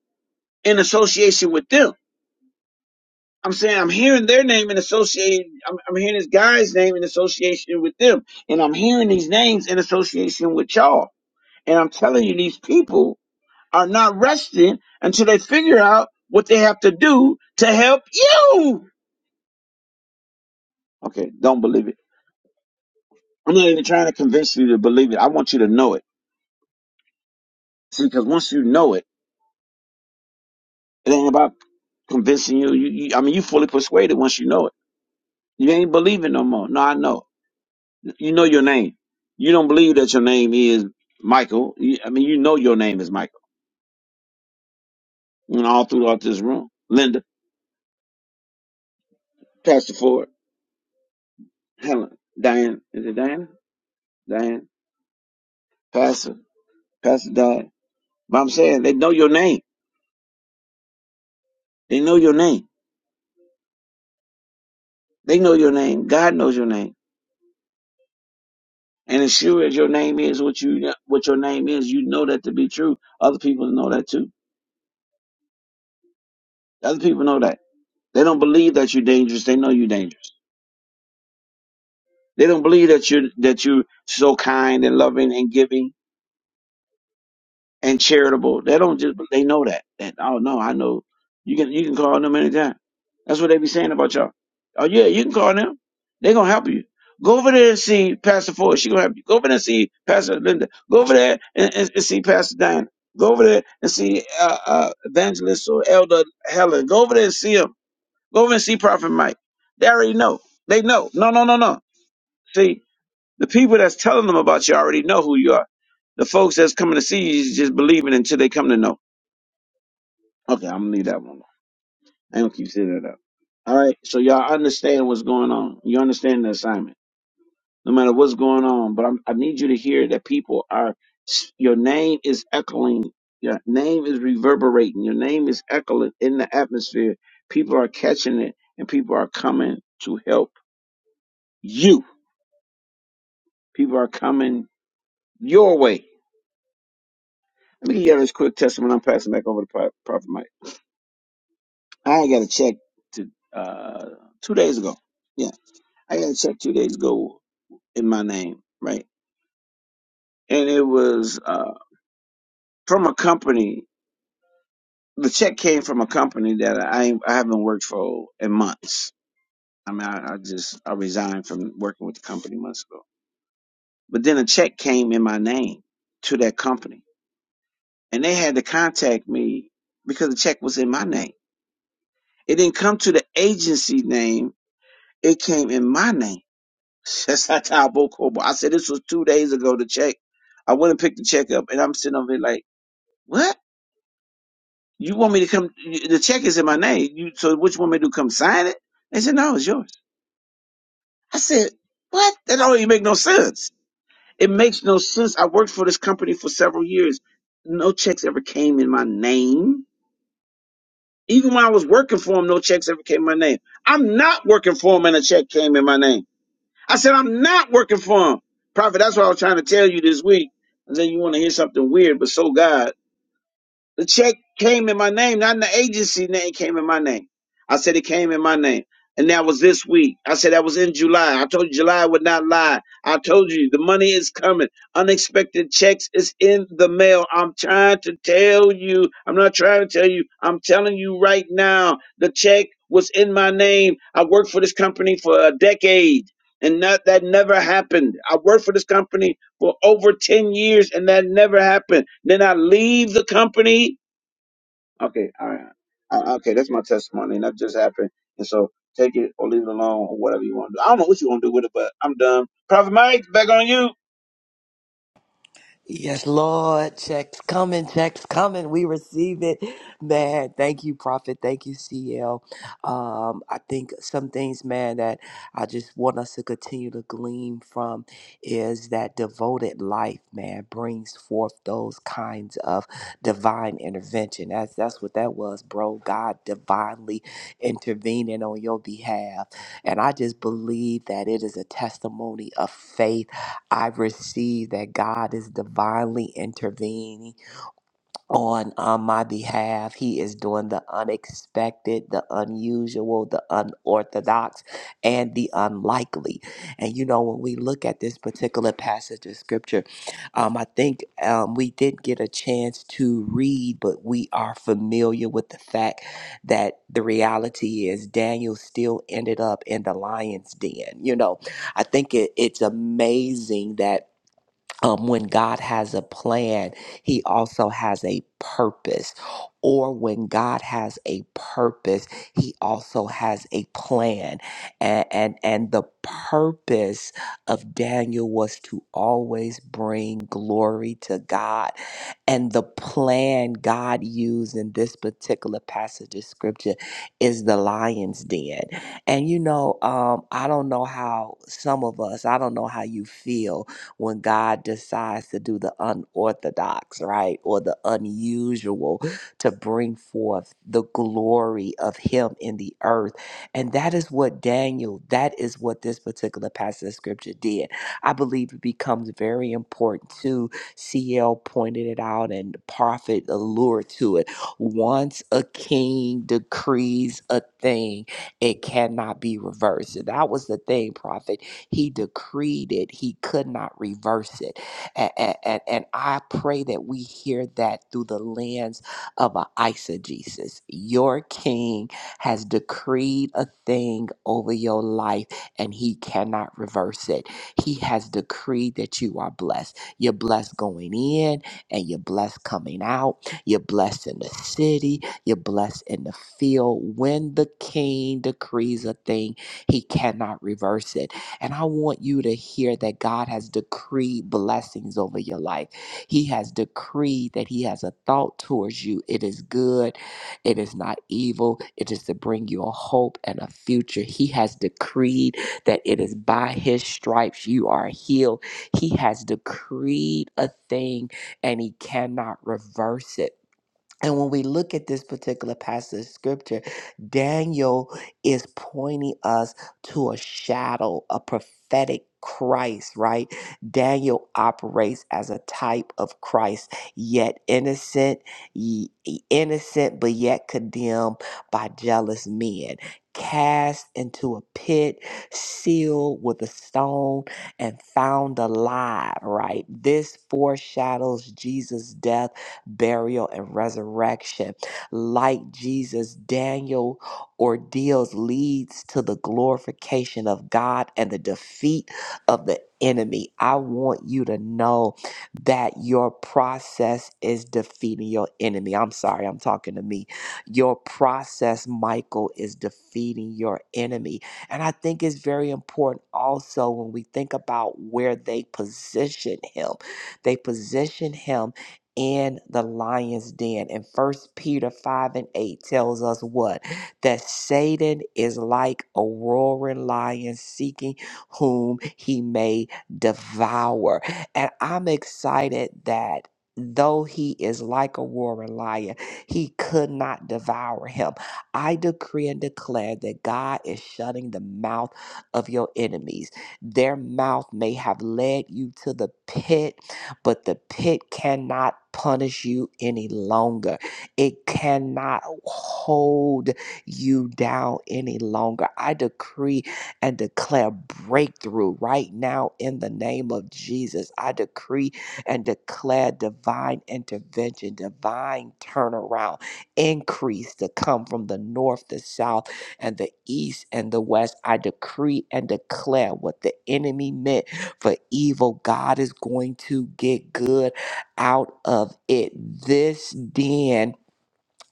S1: in association with them. I'm saying I'm hearing their name in association. I'm, I'm hearing this guy's name in association with them, and I'm hearing these names in association with y'all. And I'm telling you, these people are not resting until they figure out what they have to do to help you. Okay, don't believe it. I'm not even trying to convince you to believe it. I want you to know it. See, because once you know it. It ain't about convincing you. You, you. I mean, you fully persuaded once you know it. You ain't believing no more. No, I know. You know your name. You don't believe that your name is Michael. You, I mean, you know your name is Michael. And all throughout this room, Linda, Pastor Ford, Helen, Diane. Is it Diana? Diane, Pastor, Pastor Diane. But I'm saying they know your name. They know your name. They know your name. God knows your name. And as sure as your name is what you what your name is, you know that to be true. Other people know that too. Other people know that. They don't believe that you're dangerous. They know you're dangerous. They don't believe that you're that you're so kind and loving and giving and charitable. They don't just they know that. That oh no, I know you can you can call them anytime. That's what they be saying about y'all. Oh yeah, you can call them. They gonna help you. Go over there and see Pastor Ford. She gonna help you. Go over there and see Pastor Linda. Go over there and, and, and see Pastor Diana. Go over there and see uh, uh, Evangelist or Elder Helen. Go over there and see 'em. Go over and see Prophet Mike. They already know. They know. No, no, no, no. See, the people that's telling them about you already know who you are. The folks that's coming to see you is just believing until they come to know. Okay, I'm gonna leave that one. alone. I ain't gonna keep setting it up. All right, so y'all understand what's going on. You understand the assignment, no matter what's going on. But I'm, I need you to hear that people are. Your name is echoing. Your name is reverberating. Your name is echoing in the atmosphere. People are catching it, and people are coming to help you People are coming your way. Let me give you this quick testimony. I'm passing back over to Pro- Prophet Mike. I got a check to uh, two days ago. Yeah, I got a check two days ago in my name, right? And it was uh, from a company. The check came from a company that I ain't- I haven't worked for in months. I mean, I, I just I resigned from working with the company months ago. But then a check came in my name to that company, and they had to contact me because the check was in my name It didn't come to the agency name. It came in my name. That's not how Bokobo. I said this was two days ago. The check. I went and picked the check up, and I'm sitting over there like, what? You want me to come? The check is in my name. You so what you want me to do? Come sign it? They said no, it's yours. I said what? That don't even make no sense. It makes no sense. I worked for this company for several years. No checks ever came in my name. Even when I was working for them, no checks ever came in my name. I'm not working for them, and a check came in my name. I said, I'm not working for him. Prophet, that's what I was trying to tell you this week. I said you want to hear something weird, but so God. The check came in my name, not in the agency name. It came in my name. I said it came in my name. And that was this week. I said that was in July. I told you July would not lie. I told you the money is coming. Unexpected checks is in the mail. I'm trying to tell you. I'm not trying to tell you. I'm telling you right now. The check was in my name. I worked for this company for a decade. And that, that never happened. I worked for this company for over 10 years and that never happened. Then I leave the company. Okay, all right. I, okay, that's my testimony and that just happened. And so take it or leave it alone or whatever you want to do. I don't know what you want to do with it, but I'm done. Prophet Mike, back on you.
S2: Yes, Lord. Checks coming, checks coming. We receive it. Man, thank you, Prophet. Thank you, CL. Um, I think some things, man, that I just want us to continue to glean from is that devoted life, man, brings forth those kinds of divine intervention. That's that's what that was, bro. God divinely intervening on your behalf. And I just believe that it is a testimony of faith I receive that God is divinely intervening on, on my behalf. He is doing the unexpected, the unusual, the unorthodox, and the unlikely. And you know, when we look at this particular passage of scripture, um, I think um, we did get a chance to read, but we are familiar with the fact that the reality is Daniel still ended up in the lion's den. You know, I think it, it's amazing that um, when God has a plan, He also has a purpose. Or when God has a purpose, He also has a plan. And, and, and the purpose of Daniel was to always bring glory to God. And the plan God used in this particular passage of scripture is the lion's den. And you know, um, I don't know how some of us, I don't know how you feel when God decides to do the unorthodox, right, or the unusual to bring forth the glory of Him in the earth. And that is what Daniel, that is what this particular passage of scripture did. I believe it becomes very important too. CL pointed it out and the Prophet allured to it. Once a king decrees a thing, it cannot be reversed. And that was the thing, Prophet he decreed it, He could not reverse it. And, and, and I pray that we hear that through the lens of an eisegesis. Your King has decreed a thing over your life, and He cannot reverse it. He has decreed that you are blessed. You're blessed going in, and you're blessed coming out. You're blessed in the city. You're blessed in the field. When the king decrees a thing, he cannot reverse it. And I want you to hear that God has decreed blessings over your life. He has decreed that He has a thought towards you. It is good, it is not evil, it is to bring you a hope and a future. He has decreed that it is by His stripes you are healed. He has decreed a thing and He cannot reverse it. And when we look at this particular passage of scripture, Daniel is pointing us to a shadow, a prophetic Christ, right? Daniel operates as a type of Christ, yet innocent, ye- e, innocent, but yet condemned by jealous men, cast into a pit, sealed with a stone, and found alive, right? This foreshadows Jesus' death burial, and resurrection. Like Jesus, Daniel ordeals leads to the glorification of God and the defeat of the enemy. I want you to know that your process is defeating your enemy. I'm sorry, I'm talking to me. Your process, Michael, is defeating your enemy. And I think it's very important also when we think about where they position him. They position him in the lion's den. And first Peter 5 and 8 tells us what? That Satan is like a roaring lion seeking whom he may devour. And I'm excited that Though he is like a roaring lion, he could not devour him. I decree and declare that God is shutting the mouth of your enemies. Their mouth may have led you to the pit but the pit cannot punish you any longer. It cannot hold you down any longer. I decree and declare breakthrough right now in the name of Jesus. I decree and declare divine intervention, divine turnaround, increase to come from the north, the south, and the east and the west. I decree and declare what the enemy meant for evil. God is going to get good out of it. This den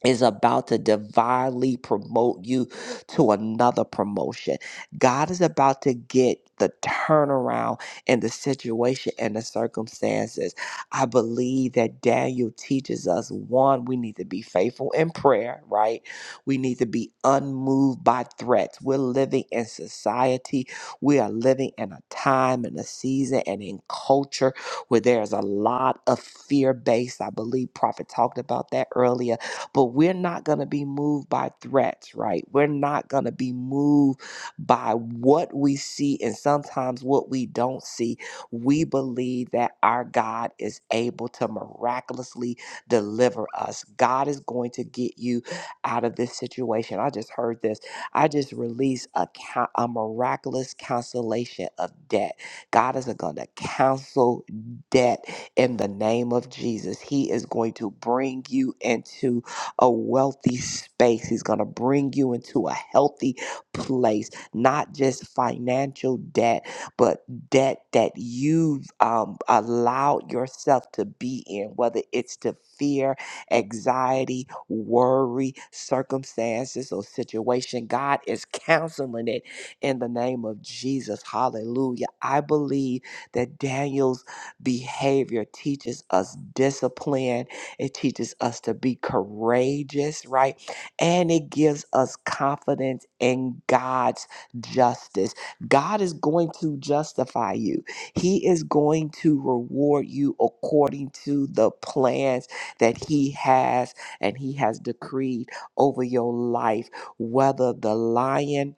S2: is about to divinely promote you to another promotion. God is about to get the turnaround in the situation and the circumstances. I believe that Daniel teaches us one, we need to be faithful in prayer, right? We need to be unmoved by threats. We're living in society, we are living in a time and a season and in culture where there's a lot of fear based. I believe Prophet talked about that earlier but we're not going to be moved by threats, right? We're not going to be moved by what we see and sometimes what we don't see. We believe that our God is able to miraculously deliver us. God is going to get you out of this situation. I just heard this. I just released a, ca- a miraculous cancellation of debt. God is going to cancel debt in the name of Jesus. He is going to bring you into a wealthy space. He's going to bring you into a healthy place, not just financial debt, but debt that you've um, allowed yourself to be in, whether it's to fear, anxiety, worry, circumstances, or situation. God is counseling it in the name of Jesus. Hallelujah. I believe that Daniel's behavior teaches us discipline it teaches us to be courageous, right? And it gives us confidence in God's justice. God is going to justify you, He is going to reward you according to the plans that He has and He has decreed over your life, whether the lion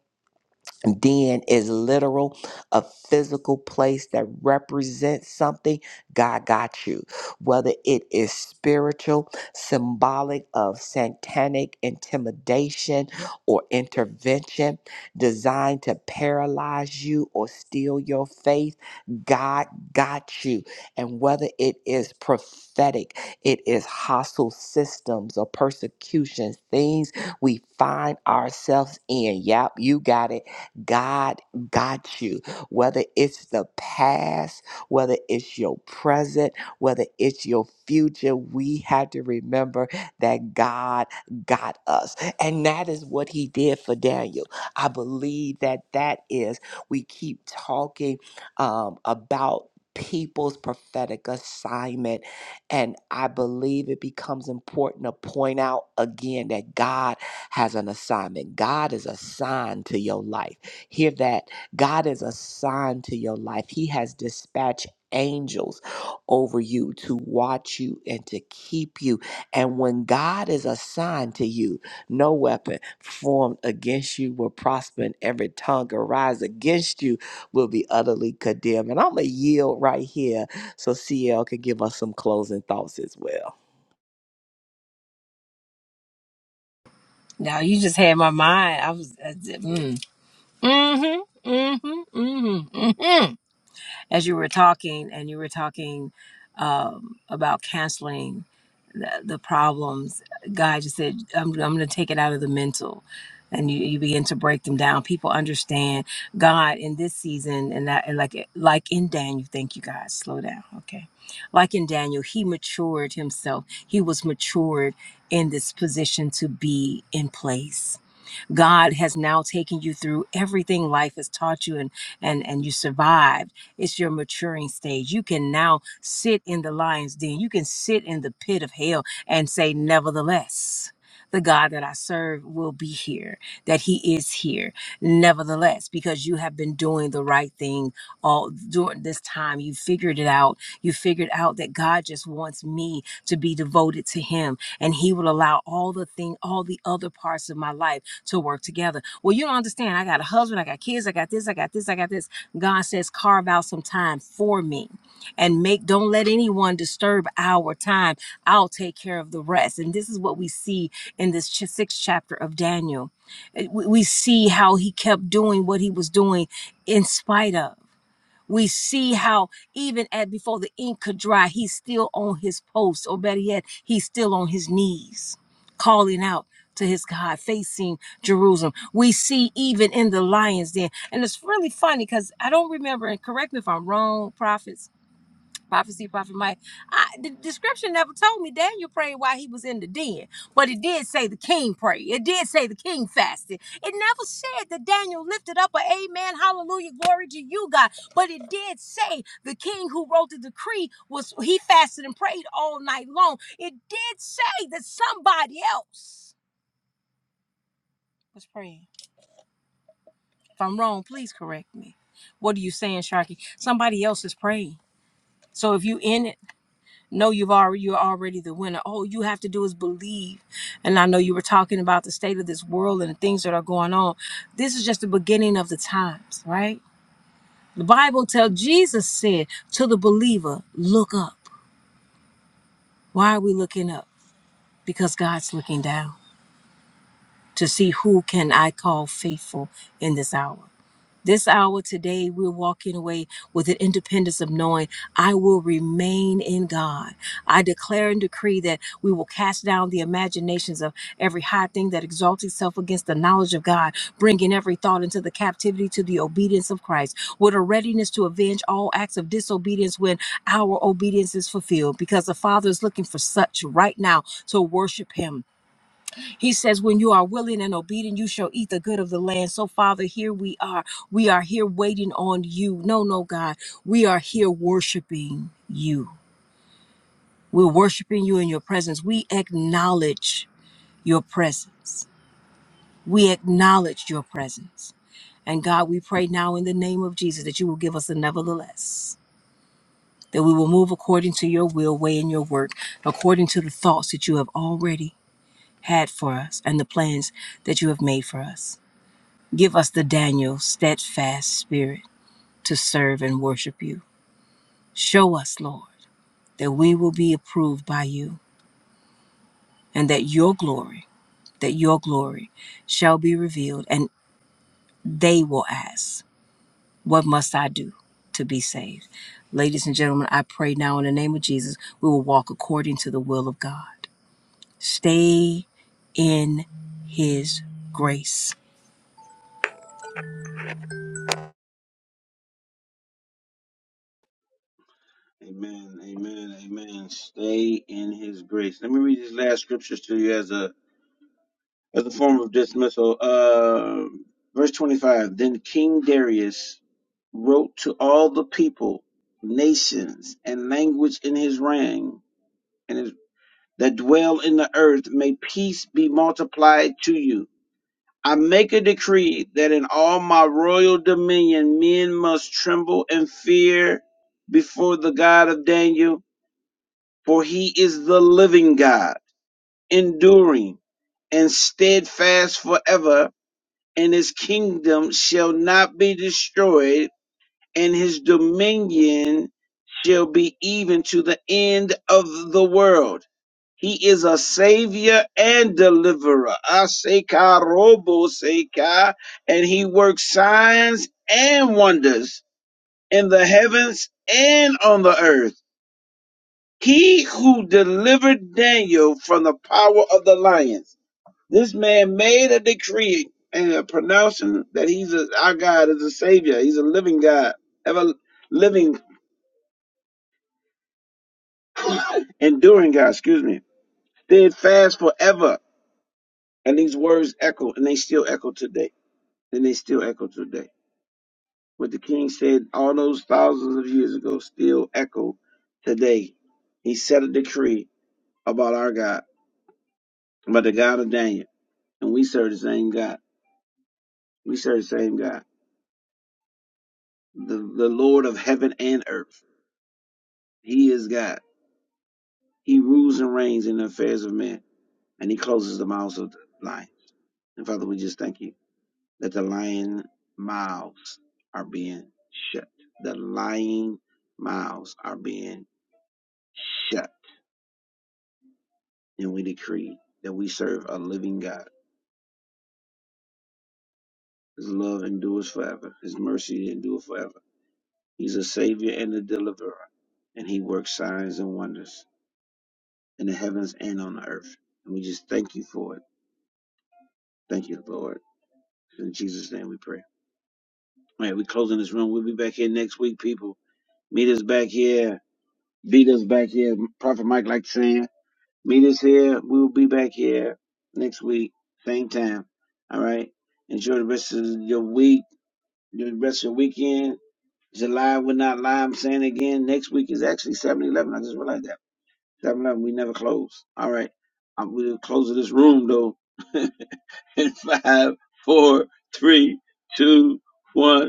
S2: Den is literal, a physical place that represents something. God got you. Whether it is spiritual, symbolic of satanic intimidation or intervention designed to paralyze you or steal your faith, God got you. And whether it is prophetic, it is hostile systems or persecutions, things we find ourselves in. Yep, you got it God got you. Whether it's the past, whether it's your present, whether it's your future, we have to remember that God got us. And that is what he did for Daniel. I believe that that is, we keep talking um, about. People's prophetic assignment. And I believe it becomes important to point out again that God has an assignment. God is assigned to your life. Hear that. God is assigned to your life, He has dispatched angels over you to watch you and to keep you. And when God is assigned to you, no weapon formed against you will prosper, and every tongue arise against you will be utterly condemned. And I'm going to yield right here so CL can give us some closing thoughts as well.
S3: Now you just had my mind. I was, uh, mm, mm-hmm, mm-hmm, mm-hmm, mm-hmm. As you were talking and you were talking um, about canceling the, the problems god just said i'm, I'm going to take it out of the mental and you, you begin to break them down people understand god in this season and that and like like in daniel thank you guys slow down okay like in daniel he matured himself he was matured in this position to be in place God has now taken you through everything life has taught you and and and you survived. It's your maturing stage. You can now sit in the lion's den. You can sit in the pit of hell and say, nevertheless. The God that I serve will be here, that He is here, nevertheless, because you have been doing the right thing all during this time. You figured it out. You figured out that God just wants me to be devoted to Him, and He will allow all the thing, all the other parts of my life to work together. Well, you don't understand. I got a husband, I got kids, I got this, I got this, I got this. God says, carve out some time for me and make, don't let anyone disturb our time. I'll take care of the rest. And this is what we see in this ch- sixth chapter of Daniel. Uh, We we see how he kept doing what he was doing in spite of. We see how even at before the ink could dry, he's still on his post, or better yet, he's still on his knees, calling out to his God, facing Jerusalem. We see even in the lion's den, and it's really funny because I don't remember. And correct me if I'm wrong, prophets prophecy, prophet Mike. I, the description never told me Daniel prayed while he was in the den, but it did say the king prayed. It did say the king fasted. It never said that Daniel lifted up a amen, hallelujah, glory to you, God. But it did say the king who wrote the decree was he fasted and prayed all night long. It did say that somebody else was praying. If I'm wrong, please correct me. What are you saying, Sharky? Somebody else is praying. So if you in it. No, you've already you're already the winner. All you have to do is believe. And I know you were talking about the state of this world and the things that are going on. This is just the beginning of the times, right? The Bible tells Jesus said to the believer, look up. Why are we looking up? Because God's looking down to see who can I call faithful in this hour. This hour today, we're walking away with an independence of knowing I will remain in God. I declare and decree that we will cast down the imaginations of every high thing that exalts itself against the knowledge of God, bringing every thought into the captivity to the obedience of Christ, with a readiness to avenge all acts of disobedience when our obedience is fulfilled, because the Father is looking for such right now to worship Him he says, When you are willing and obedient, you shall eat the good of the land. So, Father, here we are. We are here waiting on you. No, no, God. We are here worshiping you. We're worshiping you in your presence. We acknowledge your presence. We acknowledge your presence. And God, we pray now in the name of Jesus that you will give us the nevertheless, that we will move according to your will, way in your work, according to the thoughts that you have already had for us and the plans that you have made for us. Give us the Daniel steadfast spirit to serve and worship you. Show us, Lord, that we will be approved by you and that your glory, that your glory shall be revealed and they will ask, What must I do to be saved? Ladies and gentlemen, I pray now in the name of Jesus, we will walk according to the will of God. Stay in his grace
S1: Amen, amen, amen. Stay in his grace. Let me read these last scriptures to you as a as a form of dismissal. Uh, verse 25. Then King Darius wrote to all the people, nations, and language in his reign and that dwell in the earth, may peace be multiplied to you. I make a decree that in all my royal dominion men must tremble and fear before the God of Daniel, for he is the living God, enduring and steadfast forever, and his kingdom shall not be destroyed, and his dominion shall be even to the end of the world He is a savior and deliverer. Aseka robo seka. And he works signs and wonders in the heavens and on the earth. He who delivered Daniel from the power of the lions. This man made a decree and a pronouncing that he's a, our God is a savior. He's a living God, ever living, enduring God, excuse me. Steadfast forever. And these words echo and they still echo today. and they still echo today. What the king said all those thousands of years ago still echo today. He set a decree about our God, about the God of Daniel, and we serve the same God. We serve the same God, the, the Lord of heaven and earth. He is God. He rules and reigns in the affairs of men, and he closes the mouths of the lion. And Father, we just thank you that the lion mouths are being shut. The lying mouths are being shut and we decree that we serve a living God. His love endures forever. His mercy endures forever. He's a savior and a deliverer, and he works signs and wonders in the heavens and on the earth. And we just thank you for it. Thank you, Lord. In Jesus' name we pray. All right, we closing this room. We'll be back here next week, people. Meet us back here. Beat us back here. Prophet Mike like saying, meet us here. We will be back here next week, same time. All right. Enjoy the rest of your week The rest of your weekend. July will not lie. I'm saying again, next week is actually 7 Eleven. I just realized that. 7 Eleven, we never close. All right. I'm going to close this room, though. In five, four, three, two, one.